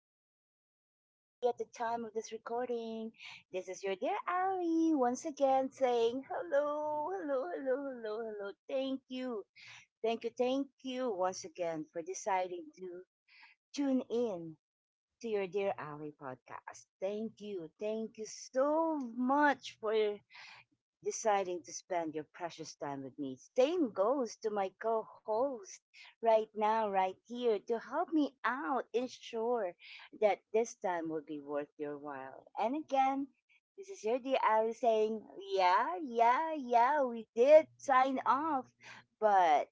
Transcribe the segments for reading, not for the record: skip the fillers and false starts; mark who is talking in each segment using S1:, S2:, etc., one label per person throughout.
S1: time of the day you may be at the time of this recording. This is your dear Ali once again saying hello, hello, hello, hello, hello. Thank you, thank you, thank you once again for deciding to tune in to your dear Ali podcast. Thank you so much for deciding to spend your precious time with me. Same goes to my co host right now, right here, to help me out, ensure that this time will be worth your while. And again, this is your dear Ali saying, yeah, yeah, yeah, we did sign off, but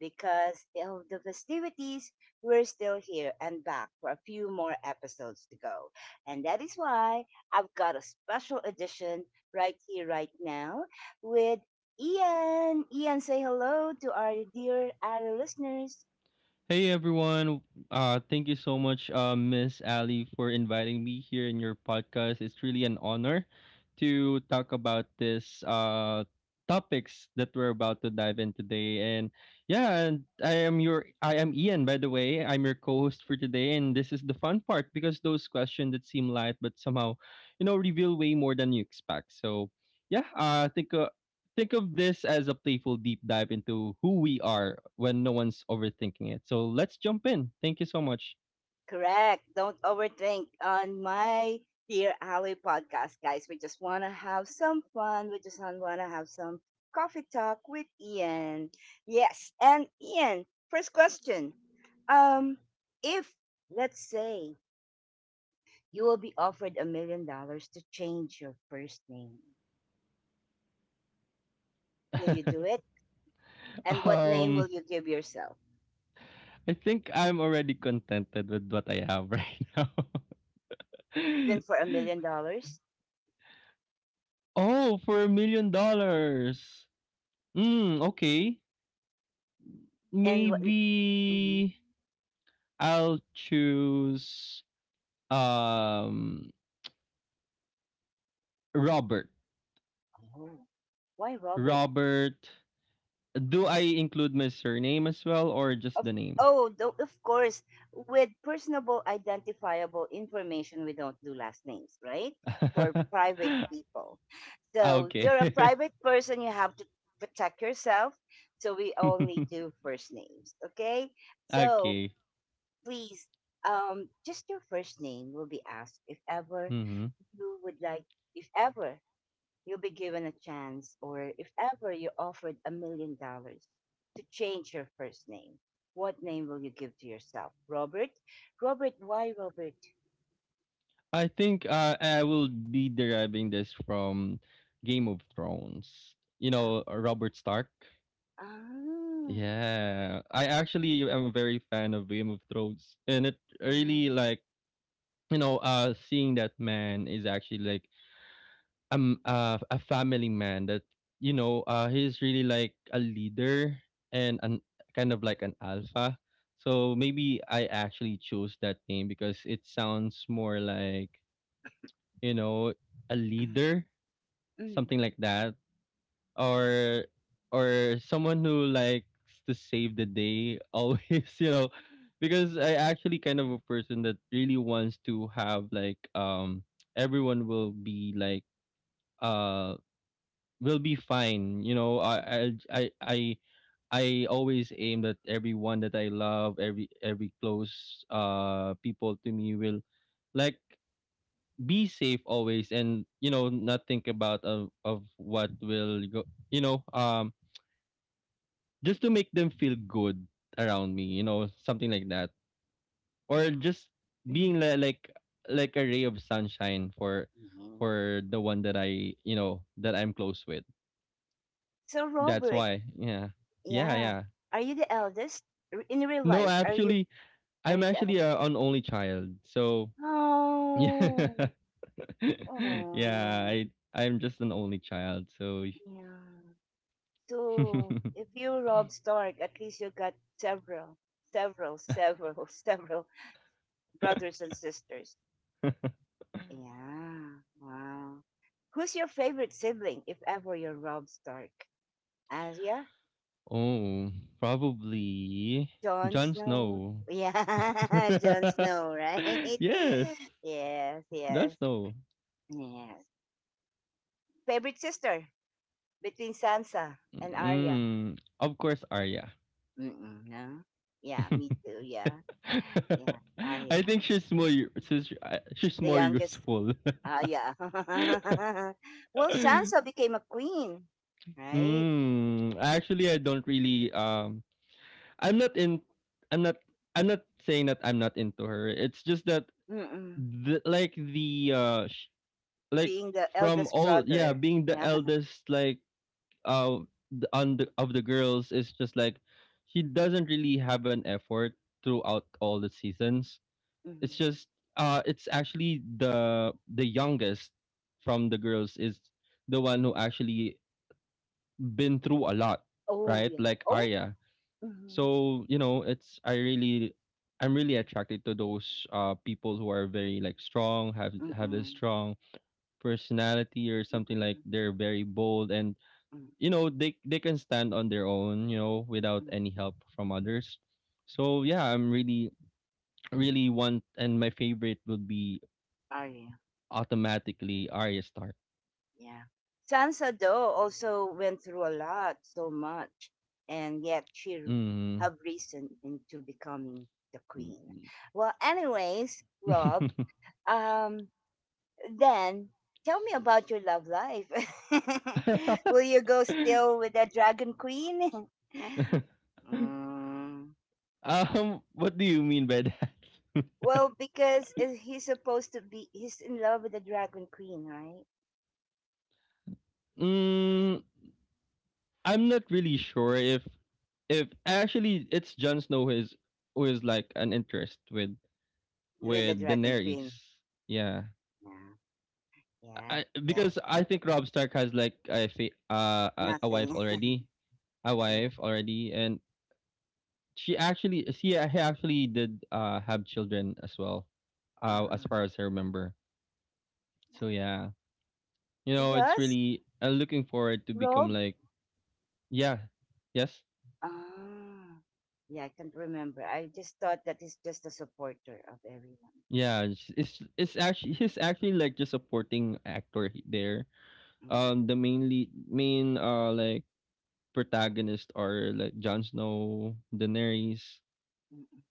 S1: because of the festivities, we're still here and back for a few more episodes to go. And that is why I've got a special edition right here, right now, with Ian. Ian, say hello to our dear other listeners.
S2: Hey everyone. Thank you so much Miss Ali for inviting me here in your podcast. It's really an honor to talk about this topics that we're about to dive in today. And yeah, and I am Ian by the way. I'm your co-host for today and this is the fun part because those questions that seem light but somehow reveal way more than you expect. So yeah, I think of this as a playful deep dive into who we are when no one's overthinking it. So let's jump in. Thank you so much.
S1: Correct. Don't overthink on my Dear Alley podcast, guys. We just want to have some fun. We just want to have some coffee talk with Ian. Yes. And Ian, first question. Um, if, let's say, you will be offered $1 million to change your first name, will you do it? And what name will
S2: um,
S1: you give yourself?
S2: I think I'm already contented with what I have right now.
S1: Even for a million dollars?
S2: Oh, for $1 million. Hmm, okay.
S1: And what? Mhm.
S2: Maybe I'll choose um Robert.
S1: Oh, why Robert?
S2: Robert. Do I include my surname as well or just
S1: Of
S2: the name?
S1: of course, with personable identifiable information, we don't do last names, right? For private people.
S2: Ah,
S1: So
S2: okay.
S1: you're a private person, you have to protect yourself. So we only do first names, okay? So
S2: Okay.
S1: please, just your first name will be asked if ever
S2: hmm
S1: you would like, if ever you'll be given a chance, or if ever you're offered $1 million to change your first name, what name will you give to yourself? Robert? Robert, why Robert?
S2: I think I will be deriving this from Game of Thrones. You
S1: Ah,
S2: know, Robert Stark.
S1: ah,
S2: Yeah, I actually am very fan of Game of Thrones, and it
S1: ah,
S2: really like seeing that man is actually like a family man that he's really like a leader and an kind of like an alpha, so maybe I actually chose that name because it sounds more like, you know, a
S1: mm,
S2: leader,
S1: mm,
S2: something like that, or or someone who likes to save the day always, you know, because I actually kind of a person that really wants to have like everyone will be like uh will be fine. You know, I I I always aim that everyone that I love, every close people to me will like be safe always and you know not think about of what will go you know just to make them feel good around me, you know, something like that, or just being
S1: mm.
S2: like like, like a ray of sunshine
S1: Hmm.
S2: for the one that I you know that I'm close with,
S1: So,
S2: that's
S1: Robert,
S2: why. Yeah, yeah,
S1: yeah.
S2: yeah.
S1: Are you the eldest? In real
S2: No,
S1: life,
S2: actually,
S1: are
S2: I'm
S1: you the
S2: actually
S1: eldest?
S2: an only child. So yeah,
S1: Oh, oh,
S2: yeah, I'm just an only child. So
S1: yeah. So if you rob Stark, at least you got several, several, several, several brothers and sisters. Yeah. Wow. Who's your favorite sibling, if ever you're Rob Stark? Arya?
S2: oh, probably
S1: Jon
S2: Jon
S1: Snow?
S2: Snow.
S1: Yeah, Jon Snow, right?
S2: Yes,
S1: Yes,
S2: Jon
S1: yes,
S2: Snow.
S1: yes. Favorite sister between Sansa and Arya?
S2: Mm, of course, Arya.
S1: Mm-mm, no? Yeah, me too, yeah. Yeah, Arya.
S2: I think she's
S1: The
S2: more
S1: youngest.
S2: useful.
S1: Ah, yeah. Well, Sansa became a queen, right?
S2: Mm, actually, I don't really I'm not in I'm not I'm not saying that I'm not into her. It's just that
S1: Mm-mm.
S2: the, like the sh- like
S1: Being the
S2: from
S1: eldest
S2: all, yeah,
S1: brother.
S2: being the
S1: Yeah.
S2: eldest like uh of the girls is just like she doesn't really have an effort throughout all the seasons. It's
S1: Mhm.
S2: just it's actually the youngest from the girls is the one who actually been through a lot,
S1: Oh,
S2: right?
S1: yeah.
S2: Like
S1: Oh.
S2: Arya.
S1: Mm-hmm.
S2: So you know it's, I really, I'm really attracted to those people who are very like strong, have this
S1: Mm-mm.
S2: strong personality, or something like
S1: Mm-mm.
S2: they're very bold and
S1: Mm-mm.
S2: you know they can stand on their own, you know, without any help from others. So yeah, I'm really really want, and my favorite would be
S1: Arya. Yeah.
S2: automatically Arya Stark.
S1: Yeah. Sansa, though, also went through a lot, so much, and yet she
S2: Mm-hmm.
S1: have risen into becoming the queen. Well, anyways, Rob,
S2: Mm.
S1: um, then tell me about your love life. Will you go still with the Dragon Queen? Mm.
S2: What do you mean by that?
S1: Well, because he's supposed to be, he's in love with the Dragon Queen, right?
S2: Mm, I'm not really sure if actually it's Jon Snow who is like an interest
S1: With the
S2: with
S1: Dragon
S2: Daenerys.
S1: Queen.
S2: Yeah,
S1: Yeah, yeah,
S2: I
S1: yeah.
S2: because I think Rob Stark has like
S1: Nothing.
S2: a
S1: Yeah.
S2: wife already, and she actually she a- he actually did have children as well, as
S1: Uh-huh.
S2: far as I remember.
S1: Yeah.
S2: So yeah, you
S1: He
S2: know it's
S1: does?
S2: really I'm looking forward to become
S1: Rob?
S2: like, yeah, yes.
S1: Ah. Yeah, I can't remember. I just thought that he's just a supporter of everyone.
S2: Yeah, it's actually he's actually like just supporting actor there.
S1: Mm-mm,
S2: The main like protagonists are like Jon Snow, Daenerys.
S1: mm-mm.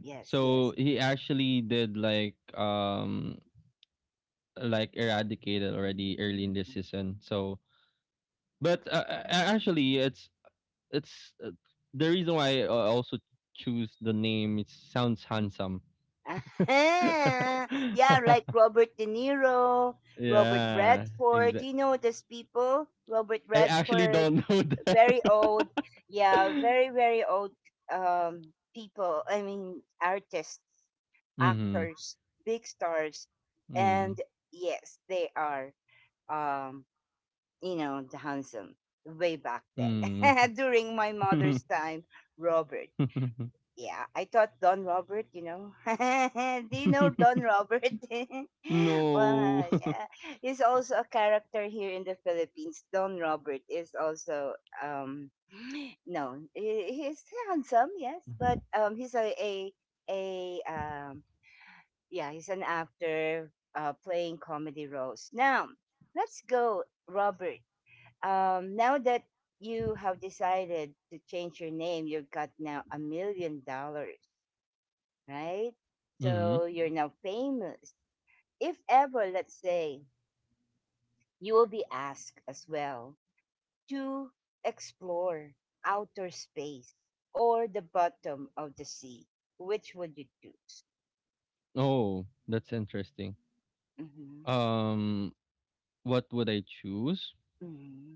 S1: Yes,
S2: So
S1: yes.
S2: he actually did like eradicated already early in this
S1: Mm-hmm.
S2: season. So, but actually, it's the reason why I also choose the name. It sounds handsome.
S1: Aha! Yeah, like Robert De Niro, Robert
S2: Yeah,
S1: Redford. Do you know these people? Robert
S2: I actually
S1: Redford,
S2: don't know them.
S1: very old. Yeah, very, very old people. I mean, artists,
S2: Mm-hmm.
S1: actors, big stars.
S2: Mm.
S1: And yes, they are, um, you know, the handsome way back
S2: Mm.
S1: then. During my mother's time, Robert. Yeah, I thought Don Robert, you know. Do you know Don Robert?
S2: No.
S1: Wow, yeah. He's also a character here in the Philippines. Don Robert is also known. He's handsome, yes, but he's a yeah, he's an actor playing comedy roles. Now, let's go Robert. Now that you have decided to change your name, you've got now $1 million, right?
S2: Mm-hmm.
S1: So you're now famous. If ever, let's say, you will be asked as well to explore outer space or the bottom of the sea, which would you choose?
S2: Oh, that's interesting.
S1: Mm-hmm.
S2: Um, what would I choose?
S1: Mm-hmm.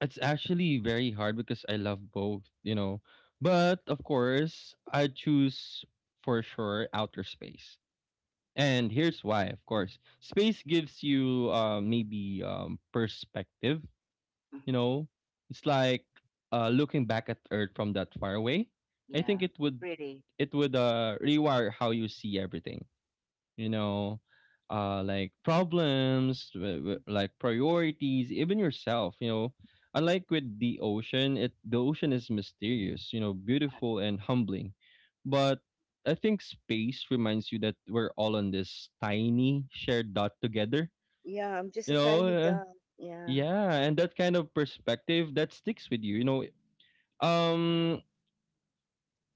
S2: It's actually very hard because I love both, you know. But of course, I choose for sure outer space. And here's why. Of course, space gives you maybe perspective. You
S1: Hmm.
S2: know, it's like looking back at Earth from that far away. I
S1: Yeah,
S2: think it would
S1: pretty.
S2: it would uh, rewire how you see everything. You know, like problems, like priorities, even yourself. You know, unlike with the ocean, it the ocean is mysterious. You know, beautiful and humbling, but I think space reminds you that we're all on this tiny shared dot together.
S1: Yeah, I'm just
S2: You
S1: a tiny
S2: know,
S1: dog. Yeah.
S2: yeah, and that kind of perspective that sticks with you, you know. Um,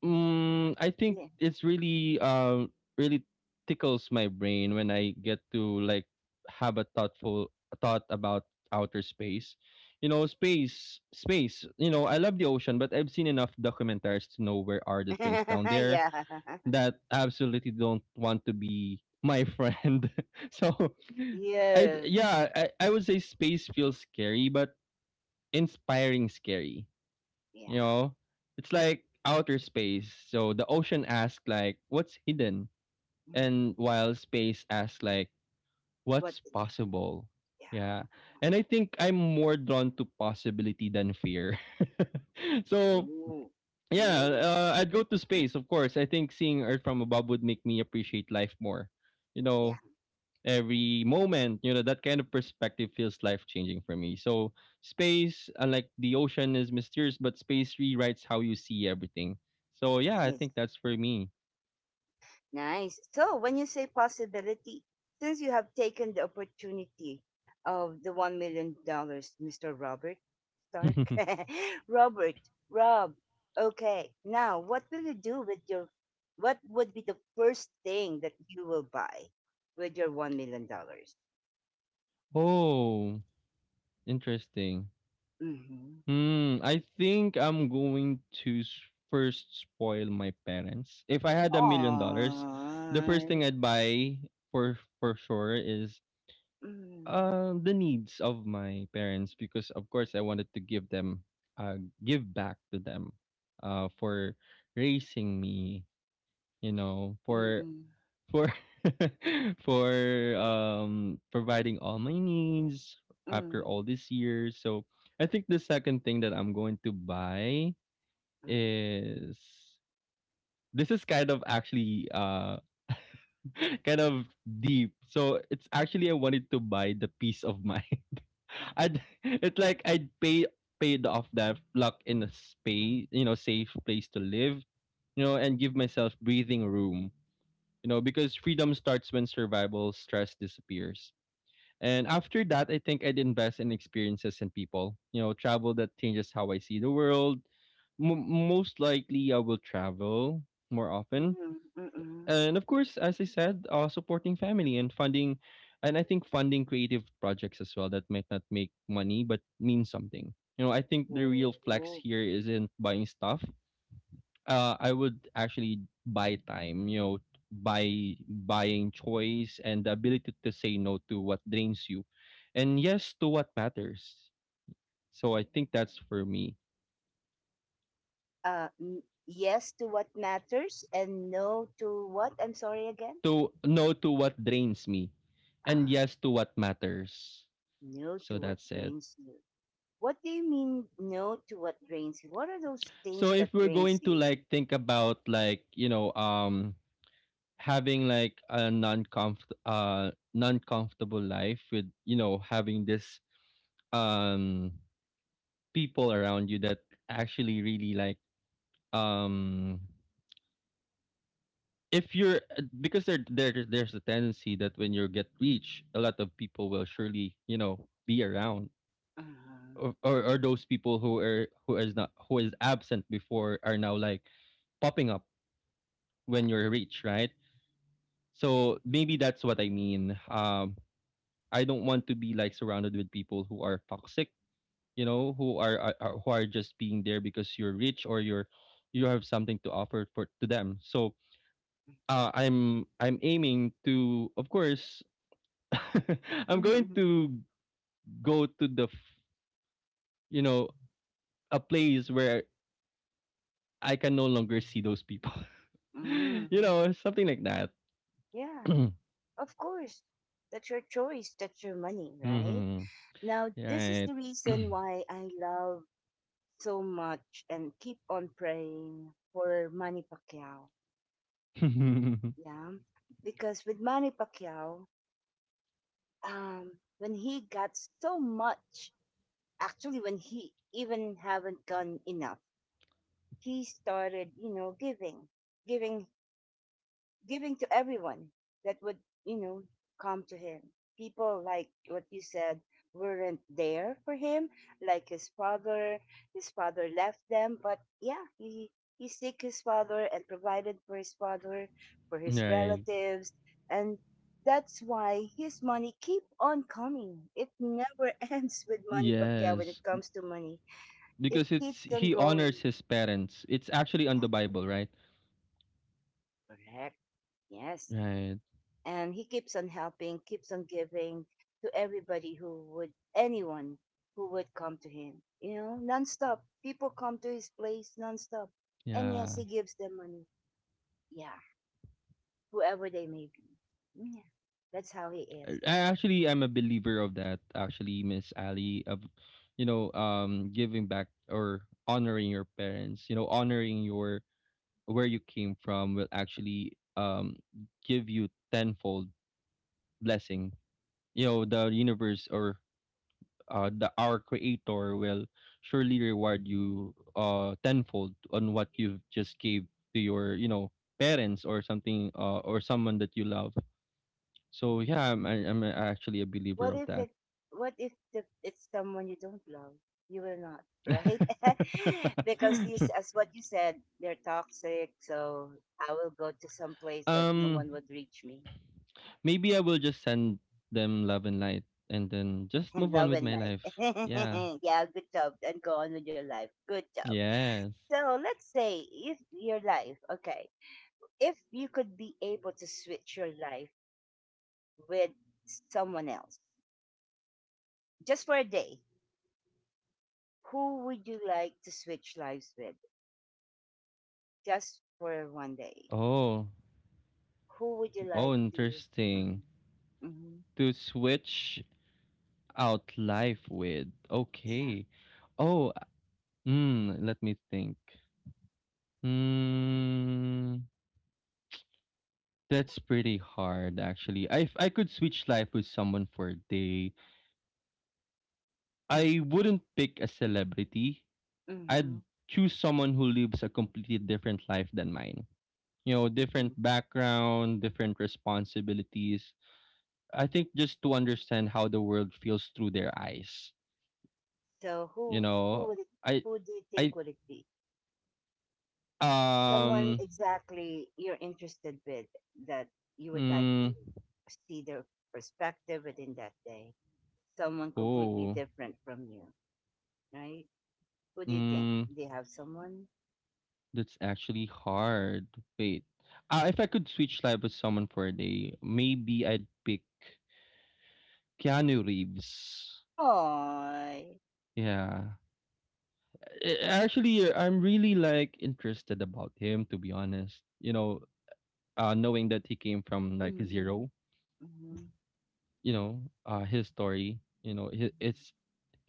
S2: I think
S1: Yeah.
S2: it's really, really tickles my brain when I get to like have a thoughtful thought about outer space. You know, space, space. You know, I love the ocean, but I've seen enough documentaries to know where are the things down there
S1: Yeah.
S2: that absolutely don't want to be my friend. So,
S1: Yes.
S2: I would say space feels scary, but inspiring scary.
S1: Yeah.
S2: You know, it's like outer space. So the ocean asks like, "What's hidden?"
S1: Mhm.
S2: and while space asks like,
S1: What
S2: "What's
S1: is?
S2: possible?" Yeah,
S1: Yeah.
S2: and I think I'm more drawn to possibility than fear. So
S1: Ooh.
S2: yeah,
S1: Ooh.
S2: I'd go to space, of course. I think seeing Earth from above would make me appreciate life more. You
S1: Yeah.
S2: know, every moment, you know, that kind of perspective feels life changing for me. So space unlike the ocean is mysterious, but space rewrites how you see everything. So yeah, I
S1: Nice.
S2: think that's for me.
S1: Nice. So, when you say possibility, since you have taken the opportunity of the $1 million, Mr. Robert Stark, Robert, Rob. Okay, now what will you do with your? What would be the first thing that you will buy with your $1 million?
S2: Oh, interesting.
S1: Mm-hmm.
S2: I think I'm going to s- first spoil my parents if I had $1 million. The first
S1: Aww.
S2: thing I'd buy for sure is
S1: Mm-mm.
S2: The needs of my parents, because of course I wanted to give them give back to them for raising me, you know,
S1: Mm-mm.
S2: for for providing all my needs after all
S1: Mm-mm.
S2: these years. So I think the second thing that I'm going to buy is, this is kind of actually kind of deep. So it's actually I wanted to buy the peace of mind. I'd it's like I'd pay paid off that luck in a space, you know, safe place to live, you know, and give myself breathing room, you know, because freedom starts when survival stress disappears. And after that, I think I'd invest in experiences and people, you know, travel that changes how I see the world. Most likely, I will travel more often,
S1: Mm-mm. Mm-mm.
S2: and of course, as I said, supporting family and funding, and I think funding creative projects as well that might not make money but mean something. You know, I think the real flex
S1: Oh.
S2: here isn't buying stuff. I would actually buy time. You know, buying choice and the ability to say no to what drains you, and yes to what matters. So I think that's for me.
S1: Uh, n- yes to what matters and no to what? I'm sorry again.
S2: To, no to what drains me, and
S1: Ah,
S2: yes to what matters.
S1: no
S2: So
S1: to what
S2: that's it.
S1: drains you. What do you mean no to what drains you? What are those
S2: So
S1: things that
S2: if we're
S1: drains
S2: going to
S1: you?
S2: like think about like, you know, having like a non-comfortable life with, you know, having this um people around you that actually really like um if you're because there's a tendency that when you get rich, a lot of people will surely, you know, be around.
S1: Uh-huh.
S2: Or those people who are who is not who is absent before are now like popping up
S1: Yeah.
S2: when you're rich, right? So maybe that's what I mean. I don't want to be like surrounded with people who are toxic, you know, who are, who are just being there because you're rich or you're you have something to offer for to them. So I'm aiming to, of course, I'm going
S1: Mm-hmm.
S2: to go to the f- you know, a place where I can no longer see those people, you
S1: Mm-hmm.
S2: know, something like that.
S1: Yeah, of course. That's your choice. That's your money, right?
S2: Hmm.
S1: Now, this is
S2: Right.
S1: the reason why I love so much and keep on praying for Manny Pacquiao. Yeah, because with Manny Pacquiao, um, when he got so much, actually, when he even haven't done enough, he started, you know, giving, giving giving to everyone that would, you know, come to him. People like what you said weren't there for him, like his father. His father left them, but yeah, he seek his father and provided for his father, for his
S2: Right.
S1: relatives, and that's why his money keep on coming. It never ends with money, Pacquiao. When
S2: Yes,
S1: it comes to money, it
S2: because it's
S1: keeps on
S2: he
S1: growing.
S2: honors his parents. It's actually on
S1: Yeah,
S2: the Bible, right?
S1: correct. Yes.
S2: Right.
S1: And he keeps on helping, keeps on giving to everybody who would, anyone who would come to him. You know, nonstop. People come to his place nonstop, and
S2: Yeah.
S1: yes, he gives them money. Yeah, whoever they may be. Yeah, that's how he
S2: I
S1: is.
S2: I actually am a believer of that. Actually, Miss Ali, of giving back or honoring your parents, you know, honoring your where you came from will actually give you tenfold blessing. You know, the universe or the our creator will surely reward you tenfold on what you've just gave to your you know parents or something or someone that you love. So yeah, I'm actually a believer
S1: What
S2: of
S1: if
S2: that.
S1: it? What if the, it's someone you don't love? You will not, right? Because this, as what you said, they're toxic. So I will go to some place that no
S2: um
S1: one would reach me.
S2: Maybe I will just send them love and light and then just move on
S1: Love
S2: with
S1: and
S2: my
S1: light.
S2: life. Yeah,
S1: Yeah, good job. And go on with your life. Good job.
S2: yes.
S1: So let's say if your life, okay, if you could be able to switch your life with someone else just for a day, who would you like to switch lives with just for 1 day?
S2: Oh,
S1: Who would you
S2: oh,
S1: like to?
S2: interesting.
S1: Mhm, mhm,
S2: To switch out life with.
S1: yeah.
S2: Okay. Oh, let me think. Mm, that's pretty hard, actually. If I could switch life with someone for a day, I wouldn't pick a celebrity.
S1: Hmm.
S2: I'd choose someone who lives a completely different life than mine. You know, different
S1: Hmm.
S2: background, different responsibilities. I think just to understand how the world feels through their eyes.
S1: So
S2: You
S1: who who
S2: know,
S1: would it,
S2: I,
S1: who do you
S2: I,
S1: think would it be? Someone
S2: um,
S1: exactly you're interested with that you would like to
S2: mm,
S1: see their perspective within that day. Someone completely
S2: Oh,
S1: different from you, right? Who do you think?
S2: mm,
S1: Do you have someone?
S2: That's actually hard. Wait, if I could switch life with someone for a day, maybe I'd pick Keanu Reeves.
S1: Oh,
S2: Yeah, I'm really like interested about him to be honest. You know, knowing that he came from like
S1: hmm,
S2: zero.
S1: hmm,
S2: You know, his story. You know, hi- it's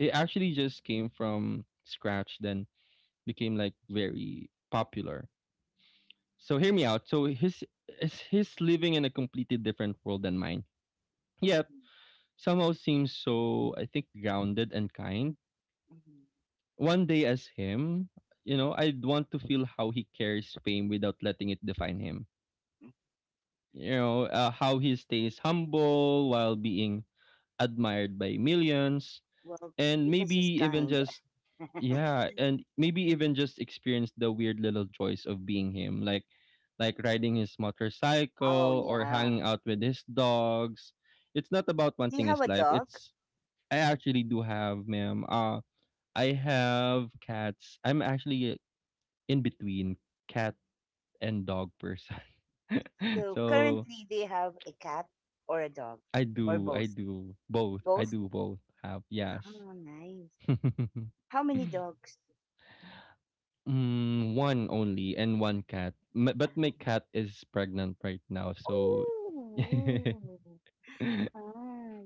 S2: it actually just came from scratch, then became like very popular. So hear me out. So his living in a completely different world than mine. Yet
S1: hmm,
S2: somehow seems so I think grounded and kind.
S1: hmm,
S2: One day as him, you know, I'd want to feel how he carries fame without letting it define him. You know, how he stays humble while being admired by millions
S1: well,
S2: and
S1: because it's
S2: maybe even
S1: kind.
S2: just Yeah, and maybe even just experience the weird little joys of being him, like riding his
S1: Oh,
S2: motorcycle or
S1: yeah.
S2: hanging out with his dogs. It's not about
S1: Do you
S2: wanting
S1: have
S2: his
S1: a
S2: life.
S1: dog?
S2: It's I actually do have, ma'am. I have cats. I'm actually in between cat and dog person.
S1: So
S2: so
S1: currently, do you have a cat or a dog
S2: I
S1: or
S2: do, I
S1: both?
S2: do both. I
S1: Both?
S2: do both have, yes.
S1: Oh, nice. How many dogs?
S2: Mm, one only and one cat. But my
S1: Ah.
S2: cat is pregnant right now, so
S1: Oh. Ah.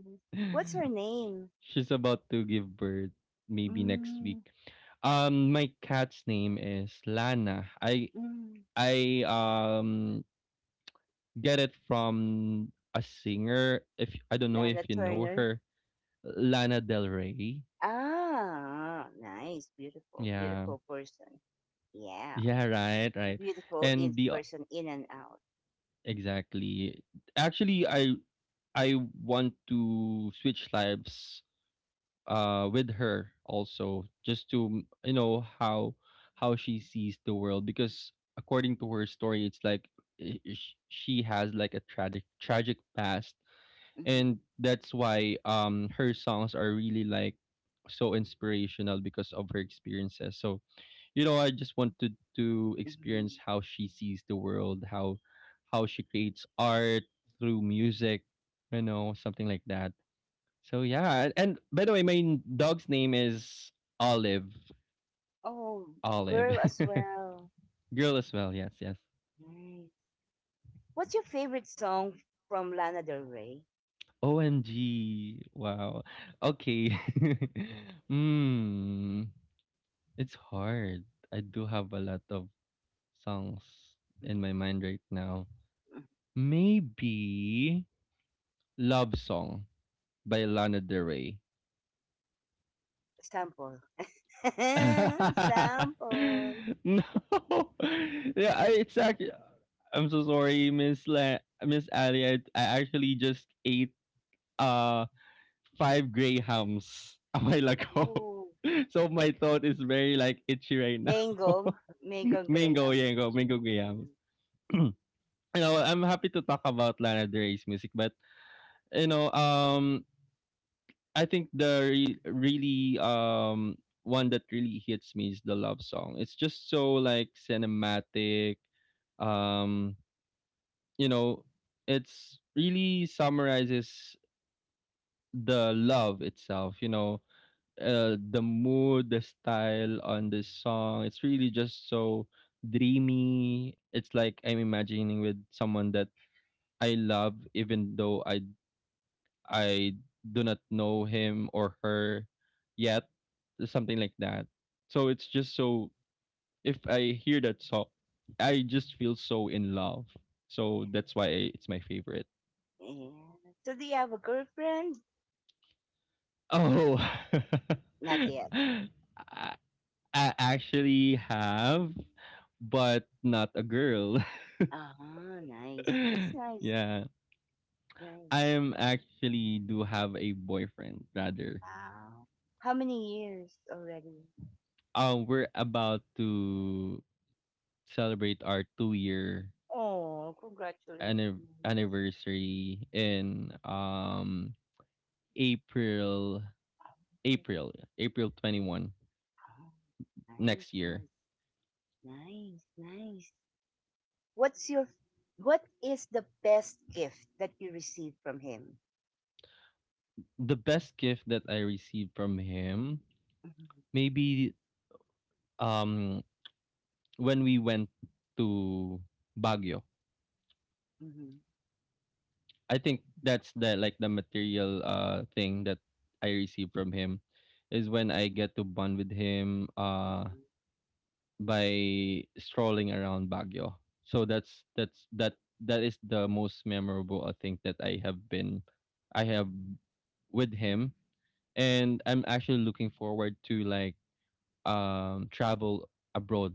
S1: What's her name?
S2: she's about to give birth maybe next week.
S1: Mm,
S2: My cat's name is Lana. I
S1: mm.
S2: I um get it from a singer. If I don't know if
S1: Lana
S2: you know
S1: Turner.
S2: her, Lana Del Rey.
S1: Ah, nice. Beautiful,
S2: Yeah,
S1: beautiful person. Yeah.
S2: yeah, right, right.
S1: Beautiful in
S2: And the
S1: person in and out.
S2: exactly. Actually, I want to switch lives with her also just to you know how she sees the world because according to her story it's like she has like a tragic past
S1: Mhm,
S2: and that's why her songs are really like so inspirational because of her experiences so you know, I just wanted to
S1: mhm,
S2: experience how she sees the world, how she creates art through music, you know, something like that. So yeah, and by the way,
S1: mhm.
S2: dog's name is Olive.
S1: Oh,
S2: Olive,
S1: girl as well.
S2: girl as well. Yes, yes.
S1: Nice. What's your favorite song from Lana Del Rey?
S2: OMG! Wow. Okay. Hmm. It's hard. I do have a lot of songs in my mind right now.
S1: Mm,
S2: Maybe love song by Lana Del Rey.
S1: sample.
S2: No,
S1: Sample.
S2: yeah, it's actually. I'm so sorry, Miss Ali. I actually just ate uh five gray hams a while ago,
S1: Oh,
S2: so my throat is very like itchy right now.
S1: mango, Mango Graham.
S2: Mango, yango, mango grahams.
S1: Mm.
S2: You know, I'm happy to talk about Lana Del Rey's music, but you know, I think the really one that really hits me is the love song. It's just so like cinematic. Um, you know, it's really summarizes the love itself. You know, the mood, the style on this song. It's really just so dreamy. It's like I'm imagining with someone that I love, even though I do not know him or her yet, something like that. So it's just so if I hear that song, I just feel so in love. So that's why it's my favorite.
S1: Yeah. So do you have a girlfriend?
S2: Oh,
S1: Not yet.
S2: I I actually have, but not a girl.
S1: Ah, nice. That's nice.
S2: Yeah,
S1: Nice.
S2: I am actually do have a boyfriend rather.
S1: Wow. How many years already?
S2: We're about to celebrate our 2 year
S1: Oh, congratulations.
S2: anniversary in April April April 21
S1: Oh,
S2: next
S1: nice,
S2: year.
S1: nice, nice, nice. What's your what is the best gift that you received from him?
S2: The best gift that I received from him
S1: Mhm,
S2: maybe um when we went to Baguio.
S1: mhm,
S2: I think that's the like the material thing that I received from him is when I get to bond with him
S1: mhm.
S2: by strolling around Baguio. So that is the most memorable I think that I have been I have with him and I'm actually looking forward to like travel abroad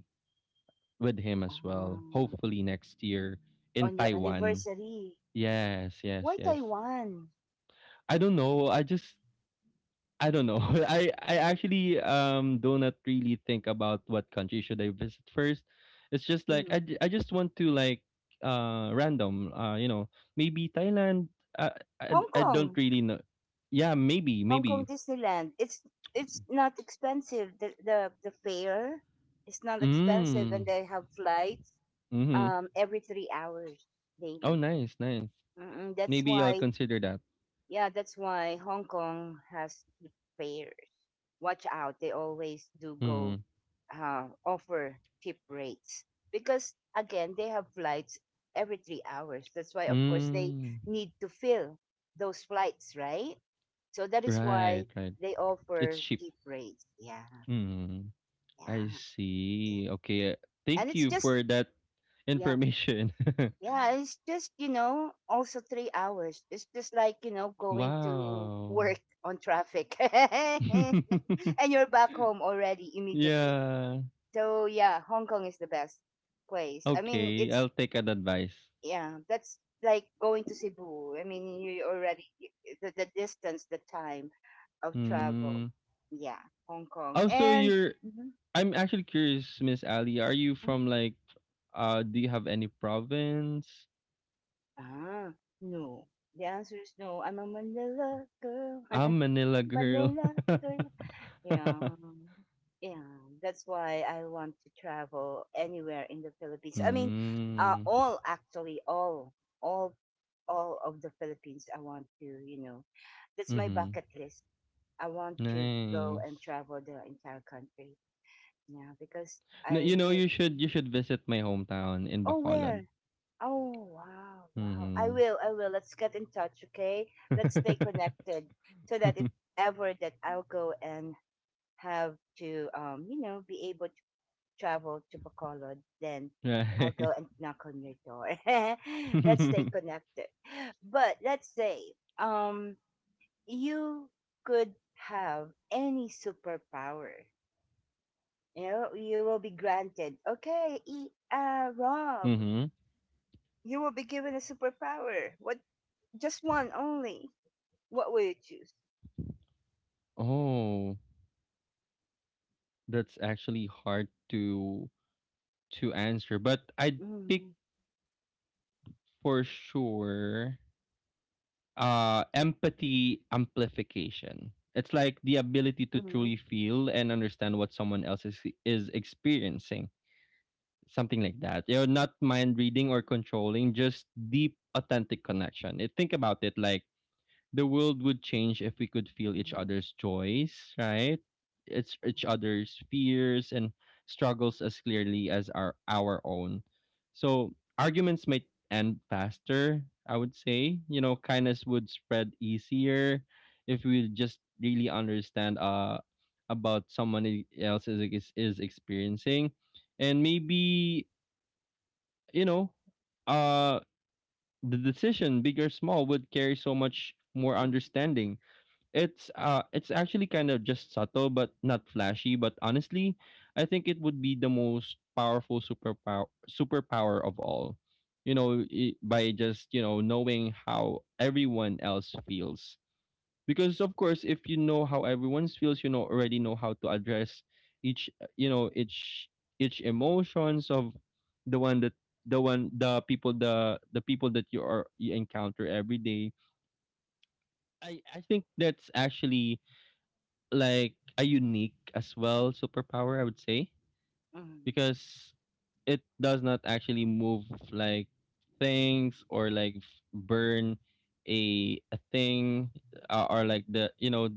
S2: with him as well.
S1: Ah,
S2: Hopefully next year in
S1: on your
S2: Taiwan.
S1: anniversary.
S2: Yes, yes,
S1: Why
S2: yes.
S1: Taiwan?
S2: I don't know. I just I don't know. I actually do not really think about what country should I visit first. It's just like
S1: Mm.
S2: I just want to like random you know maybe Thailand. I
S1: Hong
S2: I don't
S1: Kong,
S2: really know. Yeah, maybe
S1: Hong Kong
S2: maybe.
S1: Disneyland. It's not expensive. The fare is not expensive, and
S2: Mm.
S1: they have flights
S2: Mm-hmm.
S1: every 3 hours
S2: Oh,
S1: daily.
S2: nice, nice.
S1: Mm-mm. That's
S2: Maybe I'll
S1: why
S2: consider that.
S1: Yeah, that's why Hong Kong has cheap fares. Watch out, they always do go
S2: Mm.
S1: offer cheap rates because again, they have flights every 3 hours. That's why of course they
S2: Mm.
S1: need to fill those flights, right? So that is
S2: Right,
S1: why
S2: right.
S1: they
S2: It's
S1: offer
S2: cheap.
S1: cheap rates. Yeah,
S2: Mm. I
S1: yeah, yeah.
S2: see. Okay.
S1: And
S2: Thank
S1: it's
S2: you
S1: just
S2: for that
S1: yeah.
S2: information.
S1: Yeah, it's just, you know, also 3 hours. It's just like, you know, going to
S2: Wow.
S1: work on traffic. And you're back home already immediately.
S2: Yeah.
S1: So, yeah, Hong Kong is the best place. I mean,
S2: Okay,
S1: it's,
S2: I'll take that advice.
S1: yeah, that's like going to Cebu. I mean, you already, the distance, the time of travel.
S2: Mm.
S1: Yeah, Hong Kong.
S2: Also,
S1: And,
S2: you're
S1: mm-hmm,
S2: I'm actually curious, Miss Ali, are you from
S1: mm-hmm.
S2: like do you have any province?
S1: Ah, no. The answer is no. I'm a Manila girl.
S2: I'm Manila girl.
S1: Manila girl. Yeah. Yeah, that's why I want to travel anywhere in the Philippines. I mean,
S2: Mm.
S1: all actually, all, all of the Philippines. I want to, you know, that's my
S2: Mhm.
S1: bucket list. I want to go
S2: Nice.
S1: and travel the entire country. Yeah, because
S2: No,
S1: I
S2: you know,
S1: live.
S2: you should visit my hometown in
S1: Oh,
S2: Bacolod.
S1: where? Oh, wow, wow. I
S2: Mhm.
S1: will, I will. Let's get in touch, okay? Let's stay connected so that if ever that I'll go and have to, you know, be able to travel to Bacolod, then I'll
S2: Right.
S1: go and knock on your door. Let's stay connected. But let's say, um, you could have any superpower. You know, you will be granted. Okay, Rob,
S2: Mhm.
S1: you will be given a superpower. What Just one only. What would you choose?
S2: Oh. That's actually hard to answer, but I'd pick
S1: Mm,
S2: for sure empathy amplification. It's like the ability to
S1: mm, mm,
S2: truly feel and understand what someone else is experiencing. Something like that. You know, not mind reading or controlling, just deep authentic connection. It, think about it like the world would change if we could feel each
S1: mm,
S2: other's joys, right? It's each other's fears and struggles as clearly as our own. So arguments might end faster, I would say. You know, kindness would spread easier if we just really understand about someone else is experiencing. And maybe, you know, uh the decision, big or small, would carry so much more
S1: mm,
S2: understanding it's actually kind of just subtle but not flashy, but honestly, I think it would be the most powerful superpower of all. You know, I by just, you know, knowing how everyone else feels. Because of course, if you know how everyone feels, you know already know how to address each, you know, each emotions of the one that the one the people that you encounter every day. I think that's actually like a unique as well superpower, I would say,
S1: mm,
S2: because it does not actually move like things or like burn a thing or like the you know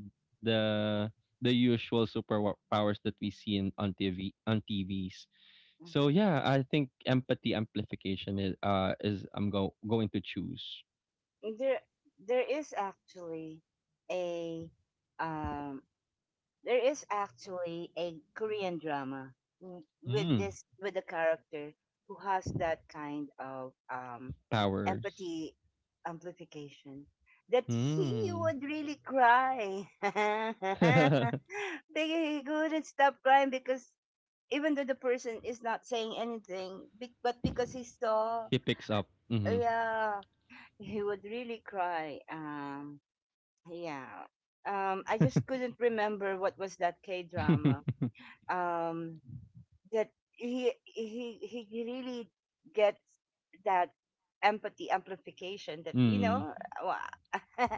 S2: the the usual superpowers that we see in on TV on TVs.
S1: mm.
S2: So yeah, I think empathy amplification is I'm go going to choose.
S1: There, there is actually a um, there is actually a Korean drama w- with
S2: Mm,
S1: this with a character who has that kind of
S2: powers.
S1: empathy amplification that he
S2: Mm.
S1: would really cry.
S2: He
S1: Big- he couldn't stop crying because even though the person is not saying anything, but because he saw,
S2: picks up. Mm-hmm.
S1: yeah, he would really cry. Yeah. I just couldn't remember what was that K drama. Um, that he really gets that empathy amplification. That you
S2: Mm.
S1: know, wa-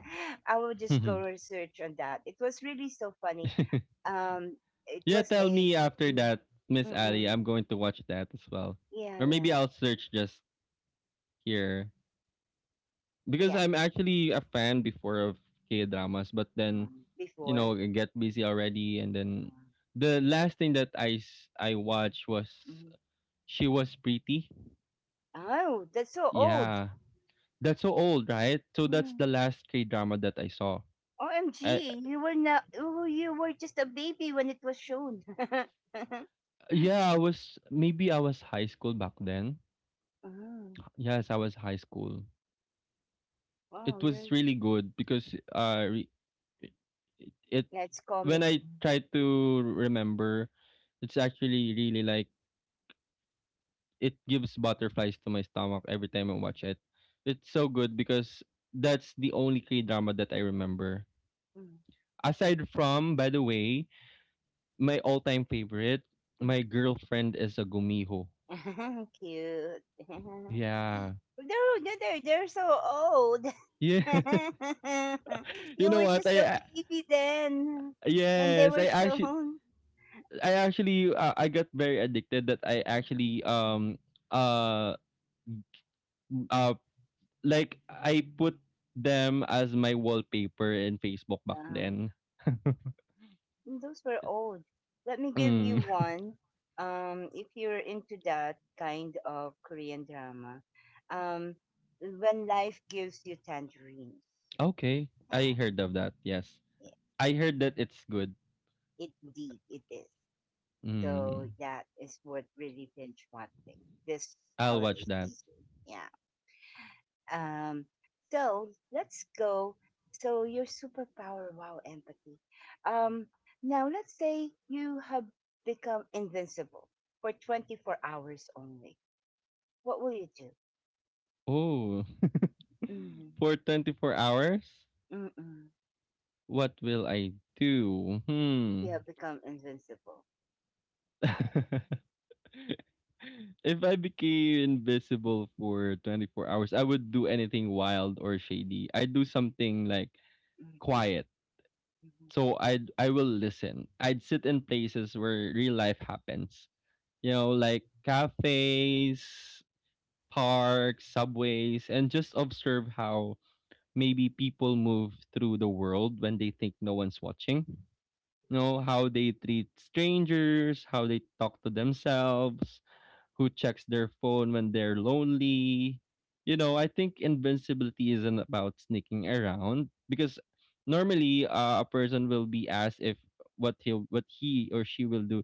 S1: I will just go research on that. It was really so funny. Um, it
S2: Yeah,
S1: was
S2: tell
S1: a,
S2: me after
S1: mm,
S2: that, Miss
S1: mm, mm.
S2: Ali. I'm going to watch that as well,
S1: Yeah,
S2: or
S1: yeah,
S2: maybe I'll search just here because
S1: yeah.
S2: I'm actually a fan before of K dramas, but then you know
S1: Before.
S2: I get busy already, and then
S1: Uh,
S2: the last thing that I watched was
S1: mhm.
S2: She Was Pretty.
S1: Oh, that's so old.
S2: Yeah, that's so old, right? So
S1: Yeah.
S2: that's the last K drama that I saw. Uh,
S1: OMG, you were not. Oh, you were just a baby when it was shown.
S2: yeah, I was maybe I was high school back then.
S1: Oh,
S2: Yes, I was high school.
S1: wow,
S2: it
S1: you're
S2: was really good because re- it, it
S1: that's
S2: when I
S1: comedy.
S2: try to remember, it's actually really like it gives butterflies to my stomach every time I watch it. It's so good because that's the only K drama that I remember.
S1: Mm,
S2: Aside from, by the way, my all-time favorite,
S1: mm,
S2: my girlfriend is a gumiho.
S1: mm. Cute. No,
S2: Yeah,
S1: no, they're so old.
S2: yeah. You
S1: You
S2: know
S1: were
S2: what?
S1: just a baby then when they
S2: Yes,
S1: were shown.
S2: I actually I got very addicted that I actually uh uh like I put them as my wallpaper in Facebook back then.
S1: Mm, those were old. Let me give you
S2: Mm.
S1: one. If you're into that kind of Korean drama, um, when life gives you tangerines,
S2: Okay. I
S1: yeah,
S2: heard of that. Yes.
S1: it,
S2: I heard that it's good.
S1: it indeed it is.
S2: Mm.
S1: So that is what really binge watching this
S2: I'll
S1: holiday
S2: watch that.
S1: season. Yeah. Um, so let's go. So your superpower, wow, empathy. Um, Now let's say you have become invincible for 24 hours only. What will you do?
S2: Oh.
S1: Mm-hmm.
S2: For 24 hours,
S1: Mm-mm.
S2: what will I do?
S1: If
S2: Hmm.
S1: you have become invincible.
S2: If I became invisible for 24 hours, I would do anything wild or shady. I'd do something like
S1: Mm-hmm.
S2: quiet.
S1: Mm-hmm.
S2: So I will listen. I'd sit in places where real life happens. You know, like cafes, parks, subways, and just observe how maybe people move through the world when they think no one's watching. You know, how they treat strangers, how they talk to themselves, who checks their phone when they're lonely. You know, I think invincibility isn't about sneaking around because normally a person will be asked if what he or she will do.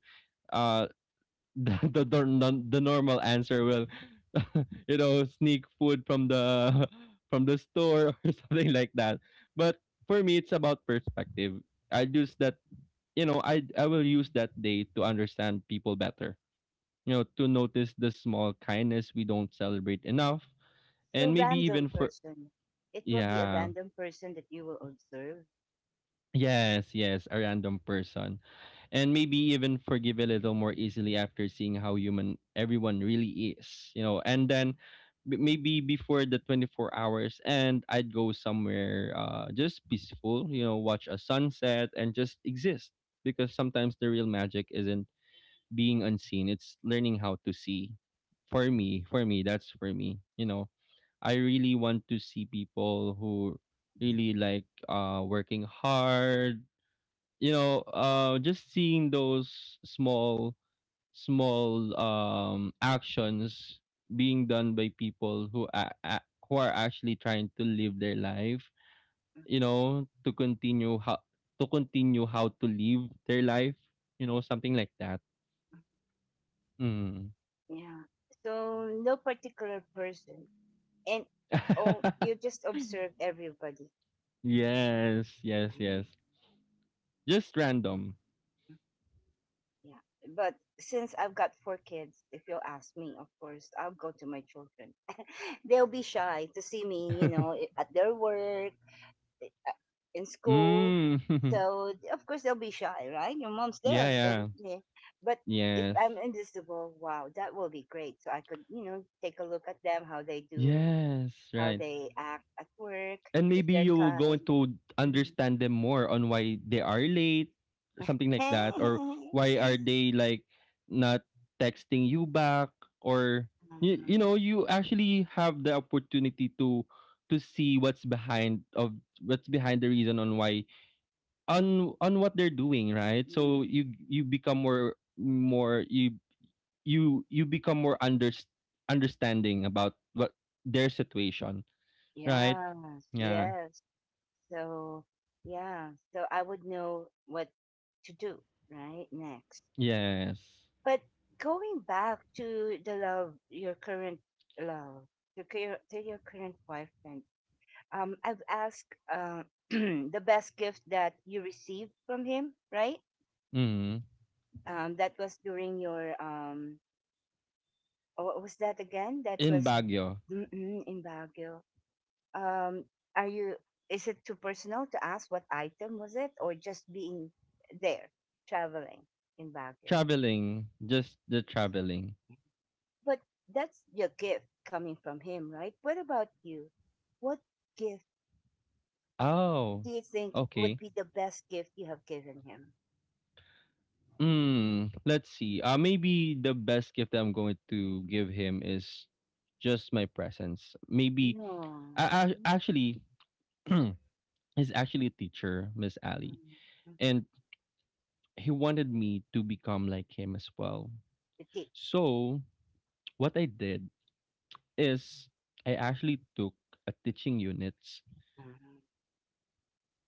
S2: Uh, the normal answer will, you know, sneak food from the from the store or something like that. But for me, it's about perspective. I use that, I will use that day to understand people better, you know, to notice the small kindness we don't celebrate enough,
S1: So
S2: and maybe even
S1: random
S2: for
S1: person. It will be a
S2: yeah.
S1: random person that you will observe.
S2: Yes, yes, a random person. And maybe even forgive a little more easily after seeing how human everyone really is, you know. And then maybe before the 24 hours and I'd go somewhere just peaceful, you know, watch a sunset and just exist because sometimes the real magic isn't being unseen, it's learning how to see. That's for me, you know, I really want to see people who really like working hard. You know, just seeing those small small actions being done by people who are actually trying to live their life, you know, to continue how to live their life, you know, something like that. Mm.
S1: Yeah. So no particular person, and oh, you just observe everybody.
S2: Yes,
S1: I
S2: yes, yes.
S1: know.
S2: Just random.
S1: Yeah. But since I've got four kids, if you'll ask me, of course, I'll go to my children. They'll be shy to see me, at their work, i- a- in school.
S2: Mm.
S1: So, of course, they'll be shy, right? Your mom's
S2: Yeah,
S1: there. They
S2: yeah.
S1: will, yeah. But if
S2: Yes.
S1: I'm invisible, wow, that will be great. So I could, take a look at them, how they do,
S2: Yes,
S1: how
S2: right.
S1: they act at work,
S2: And
S1: if
S2: maybe
S1: they're
S2: you will go
S1: kind.
S2: into
S1: Mm.
S2: understand them more on why they are late, something like that, or why are they not texting you back, or
S1: Uh,
S2: you know, you actually have the opportunity to see what's behind the reason on why on what they're doing, right?
S1: mm,
S2: So you become more, you become more understanding about what their situation, right?
S1: yes,
S2: Yeah.
S1: yes. So, yeah. So I would know what to do, right? Next.
S2: Yes.
S1: But going back to the love, your current love, to your current boyfriend, I've asked the best gift that you received from him, right?
S2: Mm.
S1: That was during your, oh, what was that again? That
S2: In
S1: was
S2: Baguio,
S1: mm, mm, in Baguio. Um are you Is it too personal to ask what item was it or just being there traveling in Baguio?
S2: traveling, just the traveling.
S1: But that's your gift coming from him, right? What about you? What gift
S2: Oh,
S1: do you think
S2: okay.
S1: would be the best gift you have given him?
S2: Mm. Let's see. Maybe the best gift that I'm going to give him is just my presence. Maybe
S1: No.
S2: I
S1: Mm,
S2: actually he's actually a teacher, Miss Ali,
S1: mm, mhm.
S2: and he wanted me to become like him as well.
S1: The tip.
S2: So what I did is I actually took a teaching units.
S1: Mhm.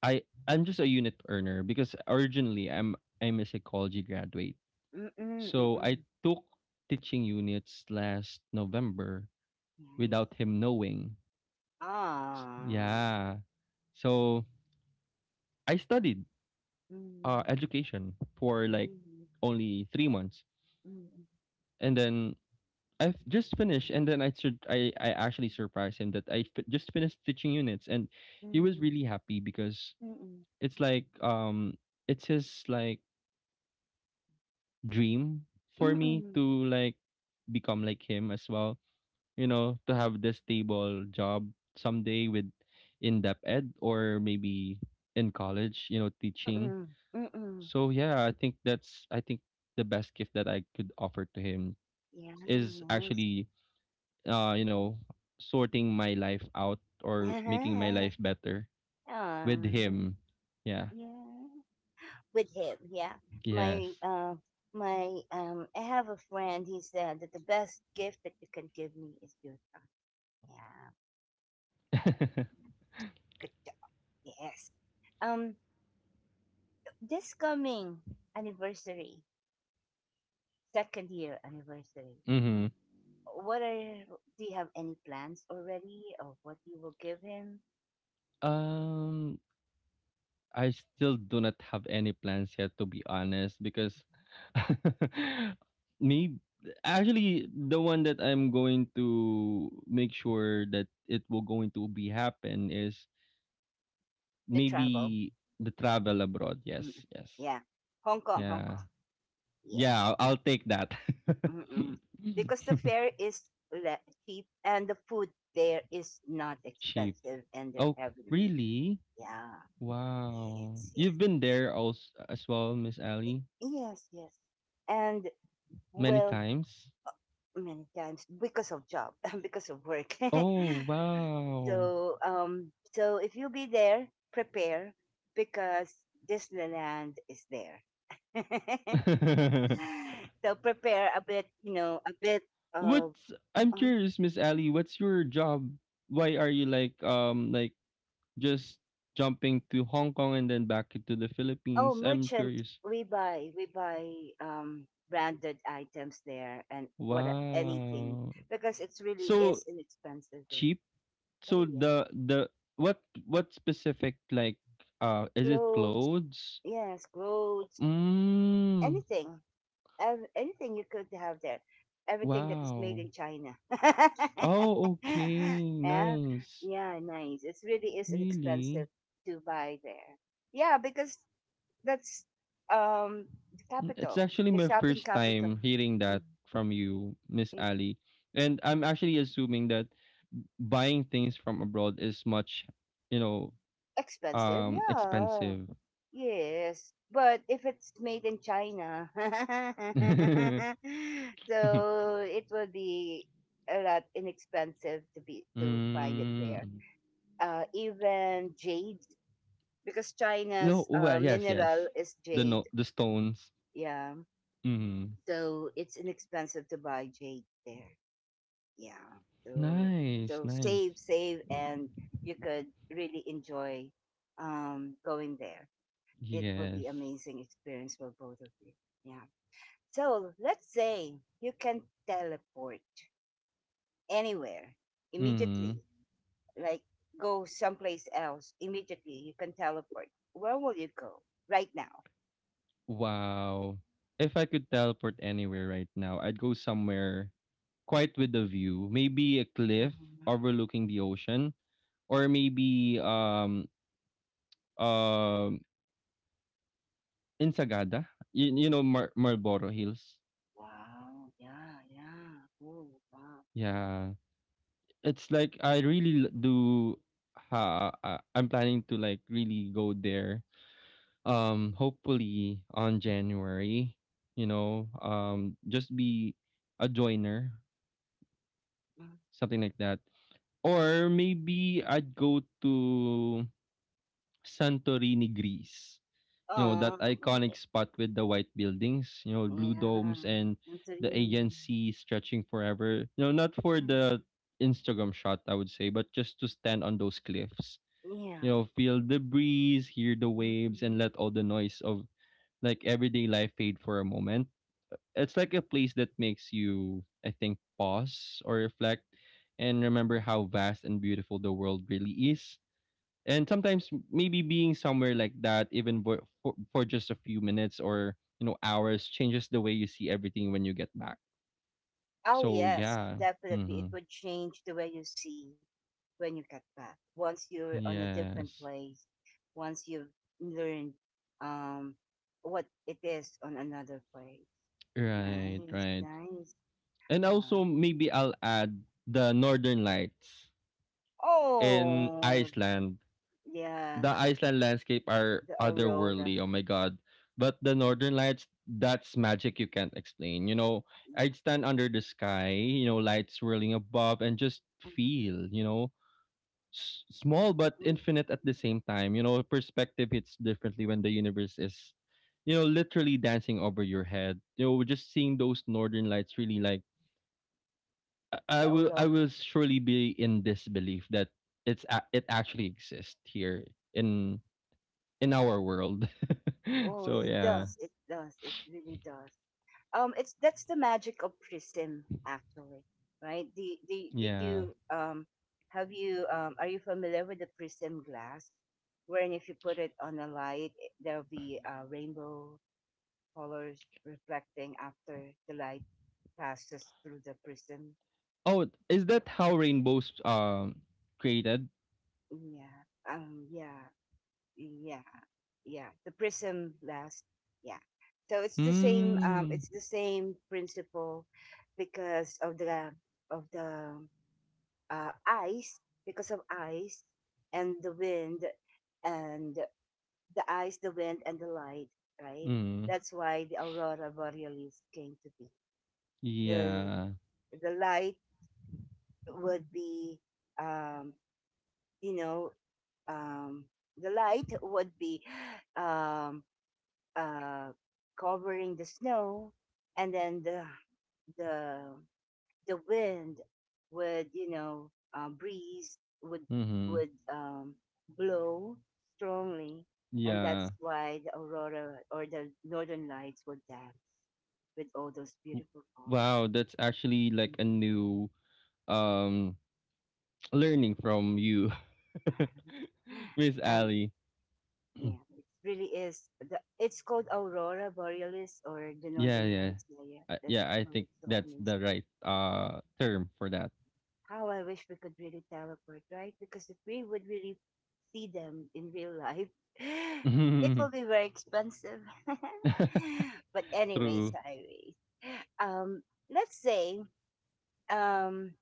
S2: I'm just a unit earner because originally I'm a psychology graduate.
S1: Mm, mm, mm,
S2: So I
S1: mm.
S2: took teaching units last November
S1: Nice.
S2: without him knowing.
S1: Ah.
S2: Yeah. So I studied
S1: Mm,
S2: education for like
S1: mm,
S2: only 3 months,
S1: mm, mm,
S2: and then I've just finished. And then I actually surprised him that just finished teaching units, and he was
S1: mm,
S2: really happy because
S1: mm, mm,
S2: it's it's his like dream for
S1: mm,
S2: me
S1: mm,
S2: to like become like him as well, you know, to have this stable job someday with in depth ed or maybe in college, you know, teaching.
S1: mm, mm.
S2: So yeah, I think the best gift that I could offer to him
S1: Yeah,
S2: is
S1: nice.
S2: actually, you know, sorting my life out or making my
S1: Uh-huh.
S2: life better
S1: Aw,
S2: with him. Yeah.
S1: yeah. With him, yeah. My
S2: Yes.
S1: my I have a friend, he said that the best gift that you can give me is your time. Yeah. Good job. Yes. Um this coming anniversary, second year anniversary.
S2: Mhm.
S1: What are Do you have any plans already of what you will give him?
S2: Um, I still do not have any plans yet, to be honest, because me, actually the one that I'm going to make sure that it will going to be happen is
S1: The
S2: maybe
S1: travel.
S2: the travel abroad.
S1: Mm.
S2: Yes, yes,
S1: Yeah. Hong Kong, Hong
S2: yeah,
S1: Kong. Yeah.
S2: yeah. I'll take that.
S1: Mm-mm. Because the fare is le- cheap and the food there is not
S2: Cheap.
S1: expensive and they're
S2: Oh,
S1: heavenly.
S2: really?
S1: Yeah,
S2: Wow.
S1: yes, yes,
S2: You've been there also as well, Miss Ali,
S1: yes, yes. And
S2: many
S1: well,
S2: times.
S1: many times because of job, because of work.
S2: Oh, wow.
S1: so if you be there, prepare because Disneyland is there. So prepare a bit, a bit of.
S2: What's I'm
S1: Uh,
S2: curious, Miss Ali, what's your job? Why are you just jumping to Hong Kong and then back to the
S1: Oh,
S2: Philippines? I'm
S1: merchant,
S2: curious.
S1: we buy branded items there and what anything
S2: Wow.
S1: because it's really
S2: So
S1: is inexpensive there.
S2: cheap. So
S1: Oh yeah,
S2: the what what specific like is it
S1: clothes,
S2: clothes?
S1: yes, clothes,
S2: Mm.
S1: anything, anything you could have there, everything that is made
S2: Wow.
S1: in China.
S2: Oh, okay.
S1: Yeah,
S2: Nice.
S1: yeah, nice. It really is inexpensive
S2: Really?
S1: to buy there. Yeah, because that's um the
S2: Mm, it's
S1: capital,
S2: actually
S1: the
S2: my
S1: shopping
S2: first
S1: capital.
S2: time hearing that
S1: Mm,
S2: from you, Miss
S1: yeah.
S2: Ali. And I'm actually assuming that buying things from abroad is much, you know,
S1: Expensive? Yeah.
S2: expensive.
S1: Yes. But if it's made in China,
S2: Mm.
S1: so it will be a lot inexpensive to be to find it there. Even jade, because
S2: No,
S1: China's
S2: well, yes,
S1: mineral
S2: yes.
S1: is
S2: The
S1: jade.
S2: no the stones.
S1: Yeah.
S2: Mm.
S1: So it's inexpensive to buy jade there. Yeah. So
S2: Nice,
S1: so save,
S2: nice.
S1: save, and you could really enjoy going there. It will be
S2: Yes.
S1: amazing experience for both of you. Yeah. So let's say you can teleport anywhere
S2: Mm.
S1: immediately, like go someplace else immediately. You can teleport. Where will you go right now?
S2: Wow. If I could teleport anywhere right now, I'd go somewhere quite with a view, maybe a cliff
S1: Mhm,
S2: overlooking the ocean, or
S1: mhm.
S2: maybe um in Sagada, you know, Marlboro Hills.
S1: Wow. Yeah. Yeah. Oh. Wow. Yeah.
S2: Yeah, it's like I really do. I'm planning to like really go there. Hopefully on January, you know, just be a joiner,
S1: Mm-hmm.
S2: something like that. Or maybe I'd go to Santorini, Greece. You know, that
S1: Oh.
S2: iconic spot with the white buildings, you know, blue
S1: Yeah.
S2: domes, and the
S1: Santorini.
S2: agency stretching forever. You know, not for
S1: Yeah.
S2: the Instagram shot, I would say, but just to stand on those cliffs.
S1: Yeah.
S2: You know, feel the breeze, hear the waves, and
S1: Mhm.
S2: let all the noise of like everyday life fade for a moment. It's like a place that makes you, I think, pause or reflect and remember how vast and beautiful the world really is, and sometimes maybe being somewhere like that even for just a few minutes or, you know, hours changes the way you see everything when you get back.
S1: Oh,
S2: So
S1: yes,
S2: yeah.
S1: definitely.
S2: Mm-hmm.
S1: It would change the way you see when you get back. Once you're on a different
S2: Yes,
S1: place, once you've learned um, what it is on another place.
S2: right,
S1: Nice,
S2: right.
S1: nice.
S2: And also
S1: Wow.
S2: maybe I'll add the northern lights in
S1: Oh,
S2: Iceland.
S1: yeah,
S2: The Iceland landscape are
S1: the aurora.
S2: otherworldly. Oh my god. But the
S1: Yeah,
S2: northern lights, that's magic you can't explain. You know,
S1: yeah,
S2: I'd stand under the sky, you know, lights swirling above and just
S1: mhm,
S2: feel, you know,
S1: yeah.
S2: small but
S1: Mm,
S2: infinite at
S1: yeah,
S2: the same time. You know, perspective hits differently when the universe is, you know, literally dancing over your head. You know, just seeing those northern lights really like,
S1: the
S2: I
S1: aurora.
S2: will surely be in disbelief that it actually exists here in in our world.
S1: Oh,
S2: So
S1: it
S2: yeah,
S1: does. It does. It really does. It's That's the magic of prism, actually, right? The Did you
S2: yeah.
S1: have you are you familiar with the prism glass, wherein if you put it on a light, there'll be rainbow colors reflecting after the light passes through the prism?
S2: Oh, is that how rainbows created?
S1: Yeah. Yeah, yeah, yeah, the prism glass. Yeah. So it's the same,
S2: Mm.
S1: it's the same principle, because of the of the ice, because of ice and the wind, and the ice, the wind, and the light, right?
S2: Mm.
S1: That's why the aurora borealis came to be. The
S2: Yeah.
S1: the light would be, um, you know, um, the light would be um, uh, covering the snow, and then the the wind would you know breeze would
S2: Mm-hmm.
S1: would blow strongly, and
S2: Yeah.
S1: that's why the aurora or the northern lights would dance with all those
S2: W-
S1: beautiful colors.
S2: Wow, that's actually like a
S1: Mhm.
S2: new um learning from you, Miss
S1: And
S2: Ali.
S1: yeah, it really is it's called aurora borealis or the
S2: Yeah,
S1: northern
S2: yeah.
S1: lights. Yeah, yeah, that's
S2: Yeah, I
S1: why
S2: think
S1: it's so
S2: that's the
S1: amazing.
S2: right term for that.
S1: How I wish we could really teleport, right? Because if we would really see them in real life, it will be very expensive. But anyways,
S2: True.
S1: anyways, um, let's say um,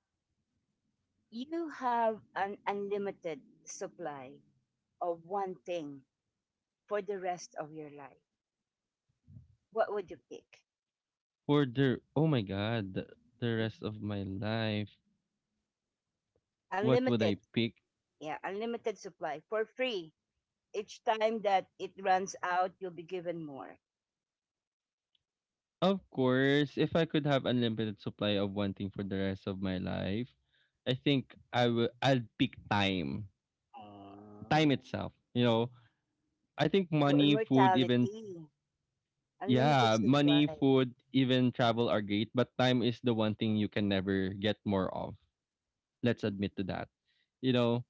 S1: you have an unlimited supply of one thing for the rest of your life. What would you pick?
S2: For the, oh my god, the
S1: Mhm.
S2: rest of my life, what would I
S1: Unlimited,
S2: pick?
S1: yeah, unlimited supply for free. Each time that it runs out, you'll be given more.
S2: Of course, if I could have unlimited supply of one thing for the rest of my life, I think I will I'll pick time.
S1: Ah.
S2: Time itself, you know. I think
S1: So
S2: money, food, even
S1: immortality, unlimited
S2: yeah,
S1: supply.
S2: money, food, even travel are great, but time is the one thing you can never get more of. Let's
S1: Mhm,
S2: admit to that. You know,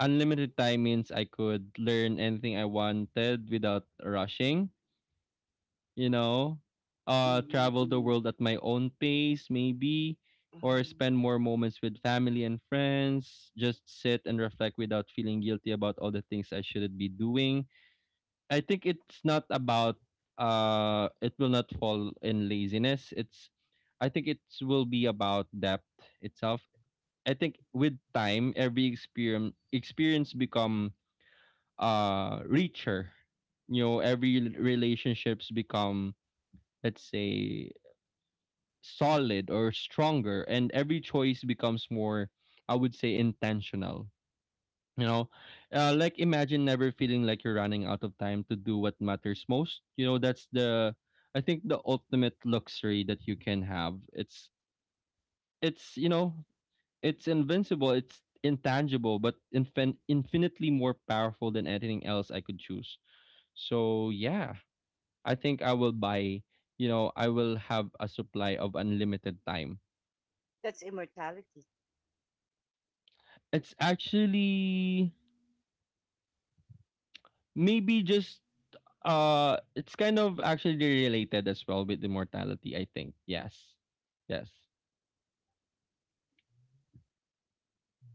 S2: unlimited time means I could learn anything I wanted without rushing, you know,
S1: mhm,
S2: travel the
S1: mhm.
S2: world at my own pace, maybe, or
S1: Mhm.
S2: spend more moments with family and friends, just sit and reflect without feeling guilty about all the things I shouldn't be doing. I think it's not about, it will not fall in laziness. It's, I think it will be about depth itself. I think with time, every experience experience become richer. You know, every relationships become, let's say, solid or stronger, and every choice becomes more, I would say, intentional, you know. Like imagine never feeling like you're running out of time to do what matters most, you know. That's the, I think, the ultimate luxury that you can have. It's, you know, it's invincible, it's intangible, but infinitely more powerful than anything else I could choose. So yeah, I think I will buy, you know, I will have a supply of unlimited time.
S1: That's immortality.
S2: It's actually maybe just it's kind of actually related as well with immortality, I think. Yes. Yes.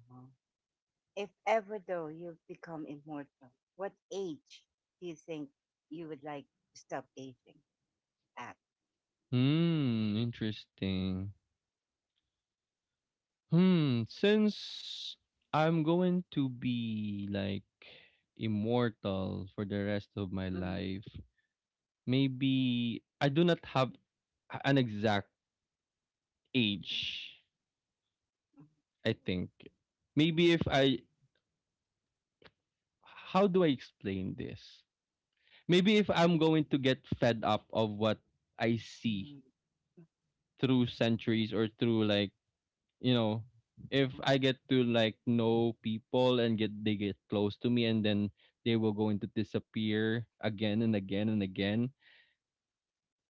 S1: Ah. If ever though you become immortal, what age do you think you would like to stop aging at?
S2: Hmm, interesting. Hmm, since I'm going to be like immortal for the rest of my
S1: Mhm,
S2: life, maybe I do not have an exact age, I think. Maybe if I how do I explain this? Maybe if I'm going to get fed up of what I see
S1: mhm,
S2: through centuries or through like, you know, if
S1: mhm.
S2: I get to like know people and get they get close to me, and then they will going to disappear again and again and again,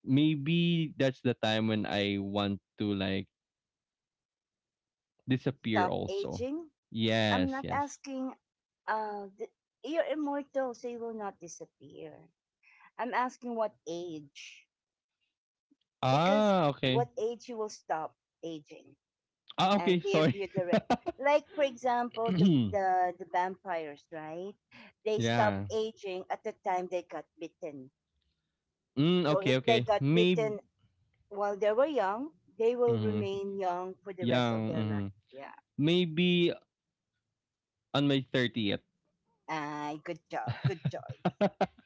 S2: maybe that's the time when I want to like disappear
S1: Stop
S2: also.
S1: aging? I'm
S2: Yes,
S1: not
S2: yes.
S1: asking uh th- you're immortal, so you will not disappear. I'm asking what age, because
S2: Ah, okay.
S1: what age you will stop aging,
S2: Ah, okay,
S1: and give
S2: sorry.
S1: you the like for example the vampires, right? They stop
S2: Yeah.
S1: aging at the time they got bitten,
S2: Mm,
S1: so if
S2: okay,
S1: they
S2: okay.
S1: got
S2: Maybe
S1: bitten while they were young, they will remain young for the
S2: Yeah,
S1: rest of their
S2: mhm.
S1: life. Yeah.
S2: Maybe on my 30th.
S1: Good job, good choice.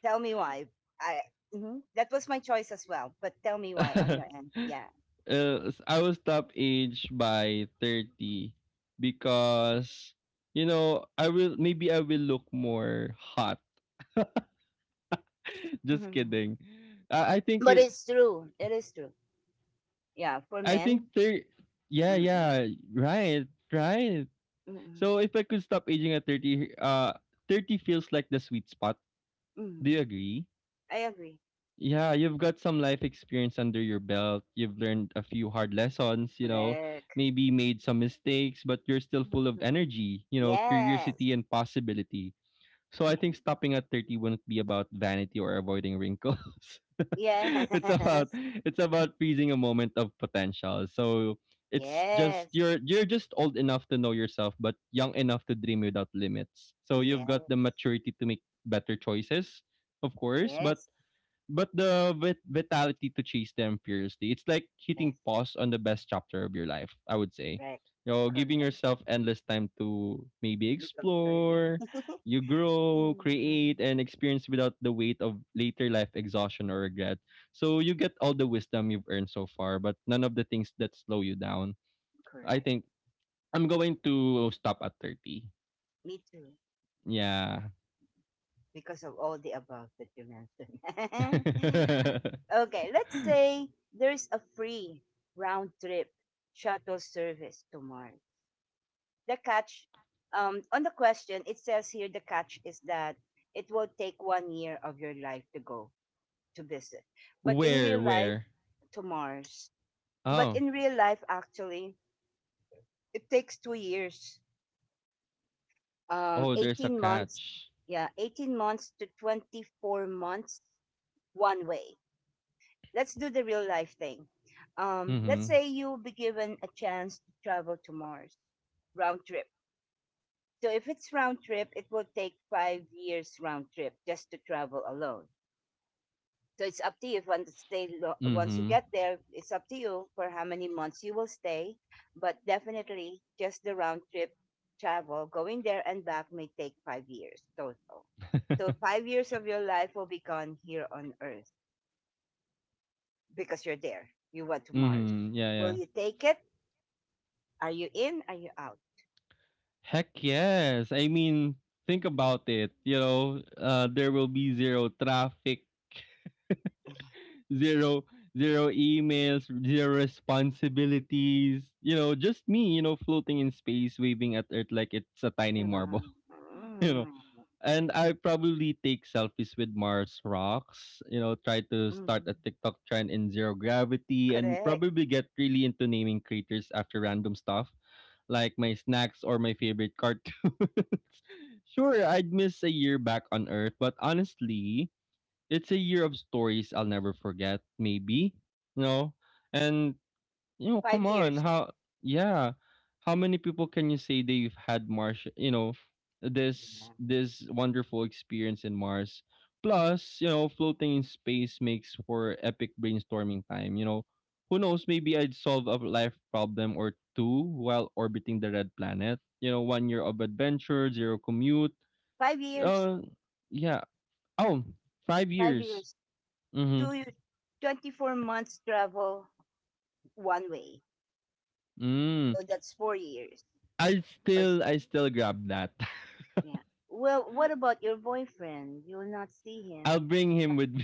S1: Tell me why. I mhm. That was my choice as well, but tell me why on your end. Yeah.
S2: I will stop age by 30 because, you know, I will maybe I will look more hot. Just kidding. I think
S1: But
S2: it
S1: it's true, it is true. Yeah, for
S2: I think
S1: men.
S2: 30 Yeah,
S1: Mm-mm,
S2: yeah. Right, right.
S1: mm-mm,
S2: So if I could stop aging at 30, 30 feels like the sweet spot.
S1: mm-mm.
S2: Do you agree?
S1: I agree.
S2: Yeah, you've got some life experience under your belt. You've learned a few hard lessons, you know,
S1: Correct.
S2: maybe made some mistakes, but you're still full of
S1: Mm-mm.
S2: energy, you know,
S1: Yes.
S2: curiosity and possibility. So I think
S1: Yes.
S2: stopping at 30 wouldn't be about vanity or avoiding wrinkles.
S1: Yes.
S2: It's about, it's about freezing a moment of potential. So it's just
S1: Yes.
S2: you're just old enough to know yourself but young enough to dream without limits. So you've got
S1: Yes.
S2: the maturity to make better choices, of course, but
S1: Yes.
S2: the vitality to chase them fiercely. It's like
S1: Yes.
S2: hitting pause on the best chapter of your life, I would say.
S1: Correct.
S2: You know, giving
S1: Correct.
S2: yourself endless time to maybe
S1: Because early.
S2: explore, you grow, create,
S1: Mm,
S2: and experience without the weight of later life exhaustion or regret. So you get all the wisdom you've earned so far, but none of the things that slow you down. I
S1: correct.
S2: think I'm going to stop at 30.
S1: Me too.
S2: Yeah.
S1: Because of all the above that you mentioned. Okay, let's say there's a free round trip shuttle service to Mars. The catch on the question, it says here the catch is that it will take 1 year of your life to go, to visit. But in
S2: Where,
S1: real life,
S2: where?
S1: to Mars. But
S2: Oh,
S1: in real life, actually, it takes 2 years,
S2: oh, there's a
S1: 18 months.
S2: catch.
S1: Yeah, 18 months to 24 months one way. Let's do the real life thing. Let's
S2: Mhm.
S1: say you'll be given a chance to travel to Mars round trip. So if it's round trip, it will take 5 years round trip just to travel alone. So it's up to you if you want to stay. Once you
S2: Mhm.
S1: get there, it's up to you for how many months you will stay. But definitely, just the round trip travel, going there and back may take 5 years total.
S2: Mhm.
S1: So 5 years of your life will be gone here on Earth because you're there. You went to Mars.
S2: Yeah,
S1: Will
S2: yeah.
S1: you take it? Are you in? Are you out?
S2: Heck yes. I mean, think
S1: Mm,
S2: about it. You know, there will be zero traffic, zero zero emails, zero responsibilities. You know, just me. You know, floating in space, waving at Earth like it's a tiny marble.
S1: mm,
S2: You know,
S1: mm,
S2: and I probably take selfies with Mars rocks. You know, try to start a
S1: mm.
S2: TikTok trend in zero gravity, and
S1: Correct.
S2: probably get really into naming craters after random stuff like my snacks or my favorite cartoons. Sure, I'd miss a year back on Earth, but honestly, it's a year of stories I'll never forget, maybe. No? And come
S1: Five
S2: on.
S1: years.
S2: How yeah. How many people can you say they've had Mars, this
S1: Yeah.
S2: this wonderful experience in Mars? Plus, floating in space makes for epic brainstorming time. Who knows, maybe I'd solve a life problem or two while orbiting the red planet. You know, 1 year of adventure, zero commute.
S1: 5 years.
S2: Uh yeah. Oh, five
S1: Five
S2: years.
S1: years.
S2: Mm-hmm.
S1: Two, twenty-four months travel one way.
S2: Mm.
S1: So that's 4 years
S2: I
S1: or so.
S2: still I still grab that.
S1: Yeah. Well, what about your boyfriend? You will not see
S2: I'll
S1: him.
S2: bring him with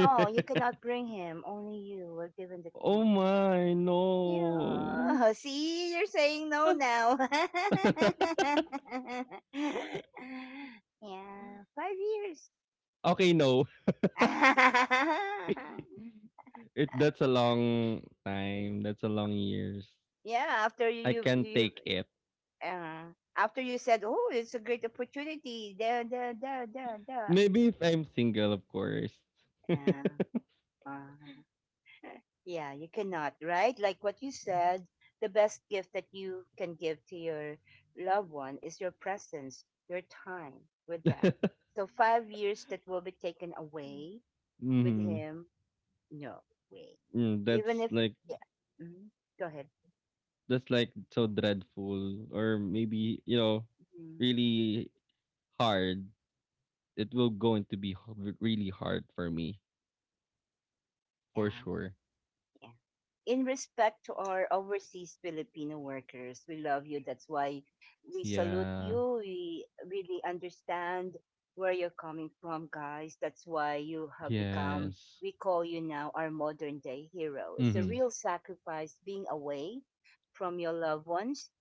S1: Oh, you cannot bring him. Only you will give him the
S2: Oh
S1: chance.
S2: my, no.
S1: Yeah. See, you're saying no now. Yeah, 5 years.
S2: Okay, no. It that's a long time, that's a long years.
S1: Yeah,
S2: I can't take it.
S1: After you said, "Oh, it's a great opportunity," da da da da da.
S2: Maybe if I'm single, of course.
S1: Uh, uh, yeah, you cannot, right? Like what you said, the best gift that you can give to your loved one is your presence, your time with them. So 5 years that will be taken away with
S2: Mhm.
S1: him, no way. Even
S2: That's
S1: if,
S2: like
S1: yeah. Mhm. Go ahead.
S2: that's like so dreadful or maybe, you know,
S1: Mhm.
S2: really hard. It will going to be really hard for me, for
S1: Yeah,
S2: sure.
S1: yeah. In respect to our overseas Filipino workers, we love you. That's why we salute
S2: Yeah.
S1: you. We really understand where you're coming from, guys. That's why you have become,
S2: Yes.
S1: we call you now our modern day hero. It's a
S2: Mhm.
S1: real sacrifice being away from your loved ones,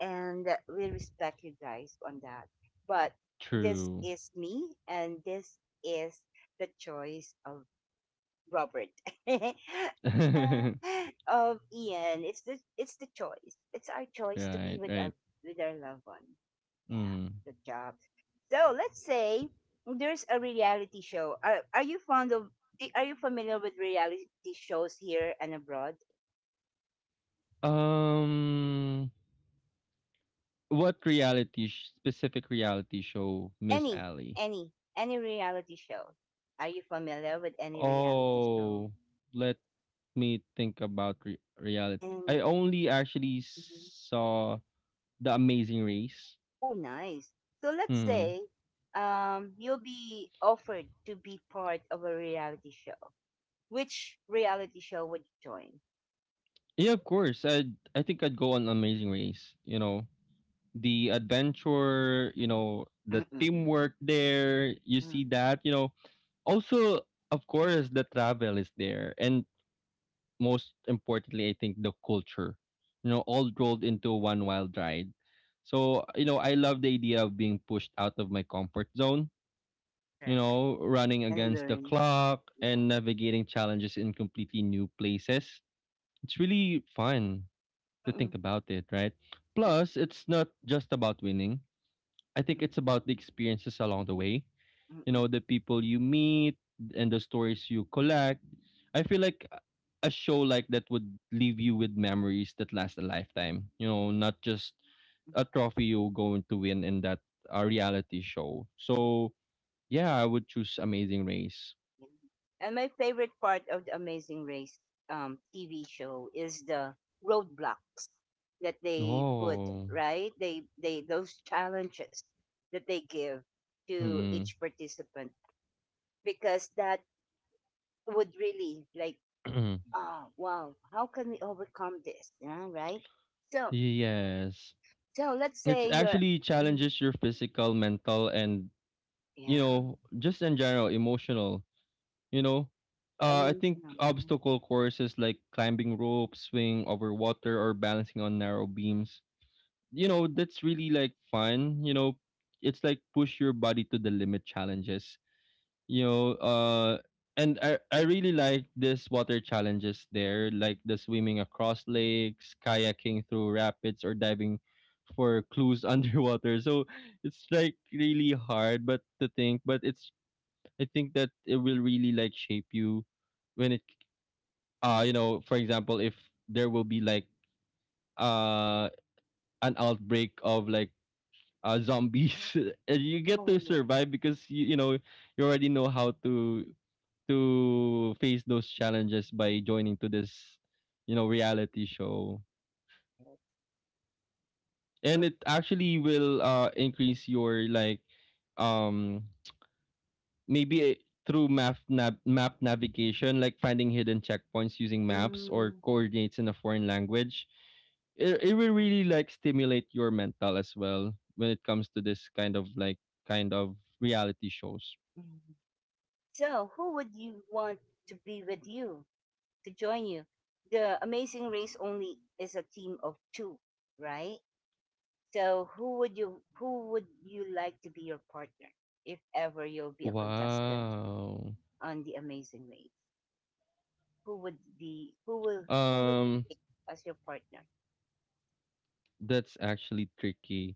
S1: and we respect you guys on that. But this
S2: True.
S1: is me, and this is the choice of Robert. Ian, it's the choice. It's our choice to be
S2: Right,
S1: with our
S2: right.
S1: with our loved one. Yeah,
S2: Mhm.
S1: good job. So let's say there's a reality show. Are you fond of? Are you familiar with reality shows here and abroad?
S2: Um, what reality specific reality show, Miss
S1: Any,
S2: Alley?
S1: any reality show? Are you familiar with any reality show?
S2: Oh, let me think about reality. I
S1: And
S2: only actually
S1: mhm.
S2: saw The Amazing Race.
S1: Oh, nice. So let's
S2: Mhm.
S1: say you'll be offered to be part of a reality show. Which reality show would you join?
S2: Yeah, of course. I think I'd go on Amazing Race. You know, the adventure. You know, the
S1: Mm-mm.
S2: teamwork there. You
S1: Mm,
S2: see that. You know, also of course the travel is there and most importantly, I think the culture, you know, all rolled into one wild ride. So, you know, I love the idea of being pushed out of my comfort zone, you
S1: correct.
S2: know, running
S1: And
S2: against the
S1: learn.
S2: clock
S1: Yeah.
S2: and navigating challenges in completely new places. It's really fun to think
S1: Mm-mm.
S2: about it, right?
S1: Yeah.
S2: Plus, it's not just about winning. I think it's
S1: Mm-mm.
S2: about the experiences along the way
S1: Mm-mm.
S2: you know
S1: Mm-mm.
S2: The people you meet and the stories you collect, I feel like a show like that would leave you with memories that last a lifetime, you know, not just a trophy you're going to win in that reality show.
S1: Yeah.
S2: So yeah, I would choose Amazing Race.
S1: And my favorite part of the Amazing Race TV show is the roadblocks that they put,
S2: Oh
S1: right? They those challenges that they give to
S2: mm-mm.
S1: each participant because that would really like, oh wow, how can we overcome this, yeah, right? So
S2: Yes,
S1: so let's
S2: it's
S1: say you're
S2: actually
S1: mhm.
S2: challenges your physical, mental, and you
S1: Yeah,
S2: know just in general emotional. You know,
S1: yeah,
S2: I think
S1: emotional. Mhm,
S2: obstacle courses like climbing ropes, swing over water, or balancing on narrow beams. You know, that's really like fun. You know, it's like push your body to the limit challenges. You know, and I really like this water challenges there, like the swimming across lakes, kayaking through rapids, or diving for clues underwater. So it's like really hard, but to think, but it's I think that it will really like shape you when it you
S1: mhm.
S2: know, for example, if there will be like uh an outbreak of like zombies and you get to
S1: Oh yeah,
S2: survive because you know, you already know how to face those challenges by joining to this, you know, reality show.
S1: yeah.
S2: And
S1: Could
S2: it
S1: you
S2: actually will increase your like um maybe through map map navigation, like finding hidden checkpoints using maps or
S1: mm
S2: coordinates in a foreign language, it will
S1: mm,
S2: really like stimulate your mental as well when it comes to this kind of like kind of reality shows.
S1: mm? So who would you want to be with you, to join you? The Amazing Race only is a team of two, right? So who would you like to be your partner if ever you'll be a contestant
S2: Wow.
S1: on the Amazing Race? Who would be who will who would you
S2: Um,
S1: pick as your partner?
S2: that's actually tricky.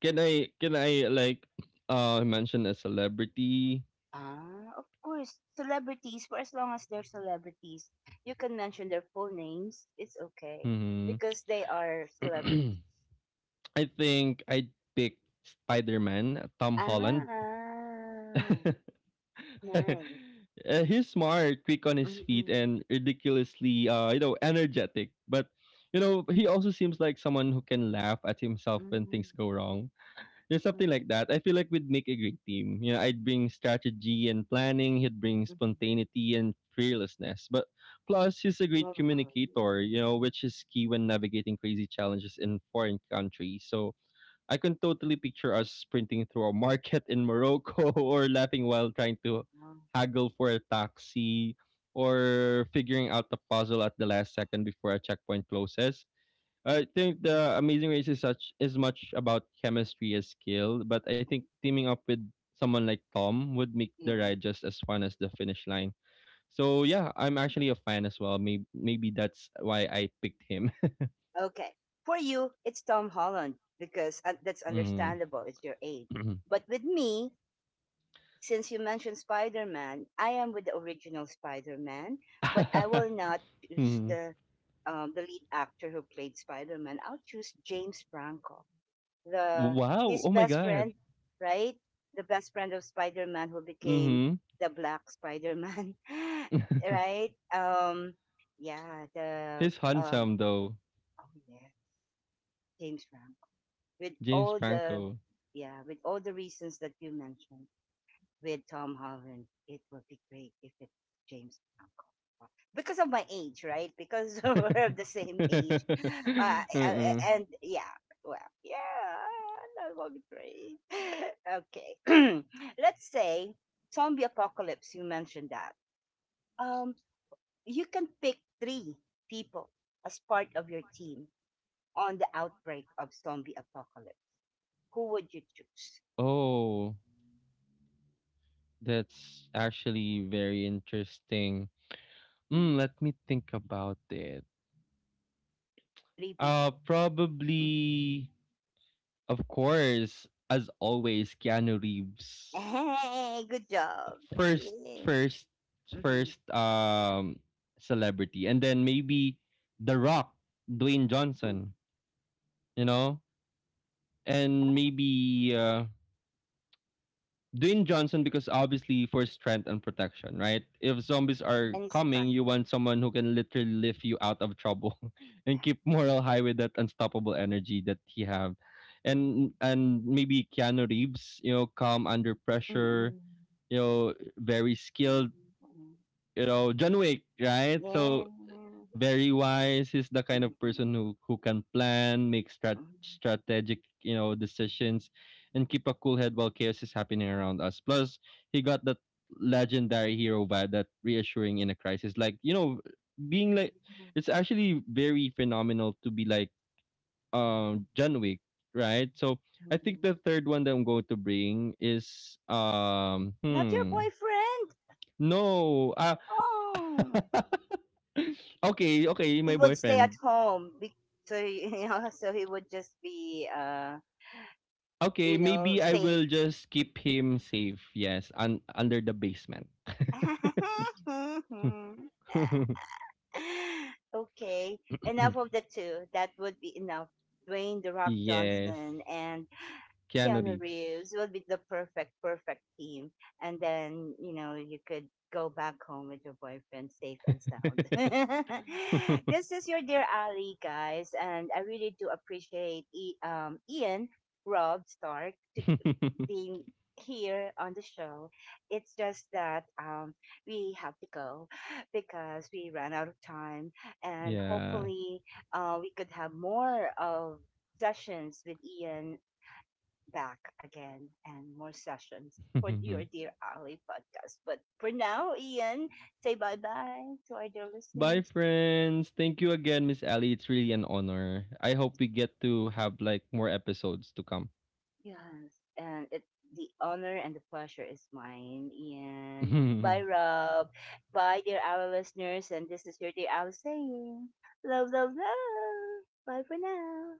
S2: Can I like mention a celebrity?
S1: Ah, of course, celebrities. For as long as they're celebrities, you can mention their full names. It's okay
S2: Hmm.
S1: because they are celebrities.
S2: I think I'd pick Spider Man, Tom
S1: Ah,
S2: Holland.
S1: nice.
S2: He's smart, quick on his feet,
S1: Mm-mm,
S2: and ridiculously, you know, energetic. But you know, he also seems like someone who can laugh at himself when
S1: mm-mm,
S2: things go wrong. There's something like that. I feel like we'd make a great team. You know, I'd bring strategy and planning. He'd bring
S1: mm-mm.
S2: spontaneity and fearlessness. But plus, he's a great
S1: Wow.
S2: communicator. You know, which is key when navigating crazy challenges in foreign countries. So I can totally picture us sprinting through a market in Morocco or laughing while trying to
S1: Wow.
S2: haggle for a taxi or figuring out a puzzle at the last second before a checkpoint closes. I think the Amazing Race is such is much about chemistry as skill, but I think teaming up with someone like Tom would make the
S1: Yeah.
S2: ride just as fun as the finish line. So yeah, I'm actually a fan as well. Maybe that's why I picked him.
S1: Okay. For you, it's Tom Holland because that's
S2: Mhm.
S1: understandable. It's your age. But with me, since you mentioned Spider Man, I am with the original Spider Man, but I will not choose the lead actor who played Spider Man. I'll choose James Franco, the
S2: Wow!
S1: his
S2: Oh my
S1: best
S2: god.
S1: friend, right? The best friend of Spider Man who became
S2: Mhm.
S1: the Black Spider Man, right? Yeah, the
S2: He's handsome though.
S1: oh yeah, James Franco. With
S2: James
S1: all the,
S2: Franco.
S1: yeah, with all the reasons that you mentioned with Tom Holland, it would be great if it's James Franco because of my age, right? Because we're of the same age, uh,
S2: Uh-uh.
S1: and yeah, well, yeah, that would be great. Okay, let's say zombie apocalypse. You mentioned that. Um, you can pick three people as part of your team on the outbreak of zombie apocalypse. Who would you choose?
S2: Oh, that's actually very interesting. Mm,
S1: Mm.
S2: let me think about it.
S1: Three people. Mhm.
S2: Probably, of course, as always, Keanu Reeves.
S1: Hey, good job.
S2: First,
S1: Yay.
S2: first,
S1: Mm-hmm.
S2: first, celebrity, and then maybe The Rock, Dwayne
S1: Mm.
S2: Johnson. You know,
S1: Yeah,
S2: and maybe Dwayne Johnson because obviously for strength and protection, right? If zombies are
S1: and it's
S2: coming,
S1: kind.
S2: you want someone who can literally lift you out of trouble
S1: Yeah.
S2: and keep morale high with that unstoppable energy that he have, and maybe Keanu Reeves, you know, calm under pressure,
S1: Mm-mm.
S2: you know, very
S1: Yeah.
S2: skilled,
S1: Mm.
S2: you know, John Wick, right? So
S1: Yeah.
S2: very wise. He's the kind of person
S1: Mm-mm.
S2: who can plan, make
S1: Mm.
S2: strategic, you know, decisions, and keep a cool head while chaos is happening around us. Plus, he got that legendary hero vibe, that reassuring in a crisis. Like you know, being like, it's actually very phenomenal to be like John Wick, right? So. I think
S1: Mm-mm.
S2: the third one that I'm going to bring is
S1: Not your
S2: hmm,
S1: boyfriend.
S2: no ah
S1: Oh,
S2: okay okay
S1: he
S2: my
S1: would stay at
S2: boyfriend.
S1: home, be- so he- you know, so he would just be,
S2: Okay,
S1: you know,
S2: maybe I
S1: safe.
S2: will just keep him safe. Yes, under the basement.
S1: Okay, enough of the two. That would be enough. Dwayne The Rock
S2: Yes.
S1: Johnson and
S2: Keanu
S1: Keanu
S2: Reeves.
S1: Reeves would be the perfect, perfect team. And then, you know, you could go back home with your boyfriend safe and sound. This is your Dear Ali, guys. And I really do appreciate I- Ian, Rob, Stark, being here on the show. It's just that we have to go because we ran out of time, and
S2: Yeah.
S1: hopefully, we could have more of sessions with Ian back again and more sessions for your Dear Ali podcast. But for now, Ian, say bye bye to our dear
S2: Bye
S1: listeners.
S2: friends. Thank you again, Miss Ellie. It's really an honor. I hope we get to have like more episodes to come.
S1: Yes, and it the honor and the pleasure is mine. And bye, Rob. Bye, dear our listeners. And this is your dear Alice saying, love, love, love. Bye for now.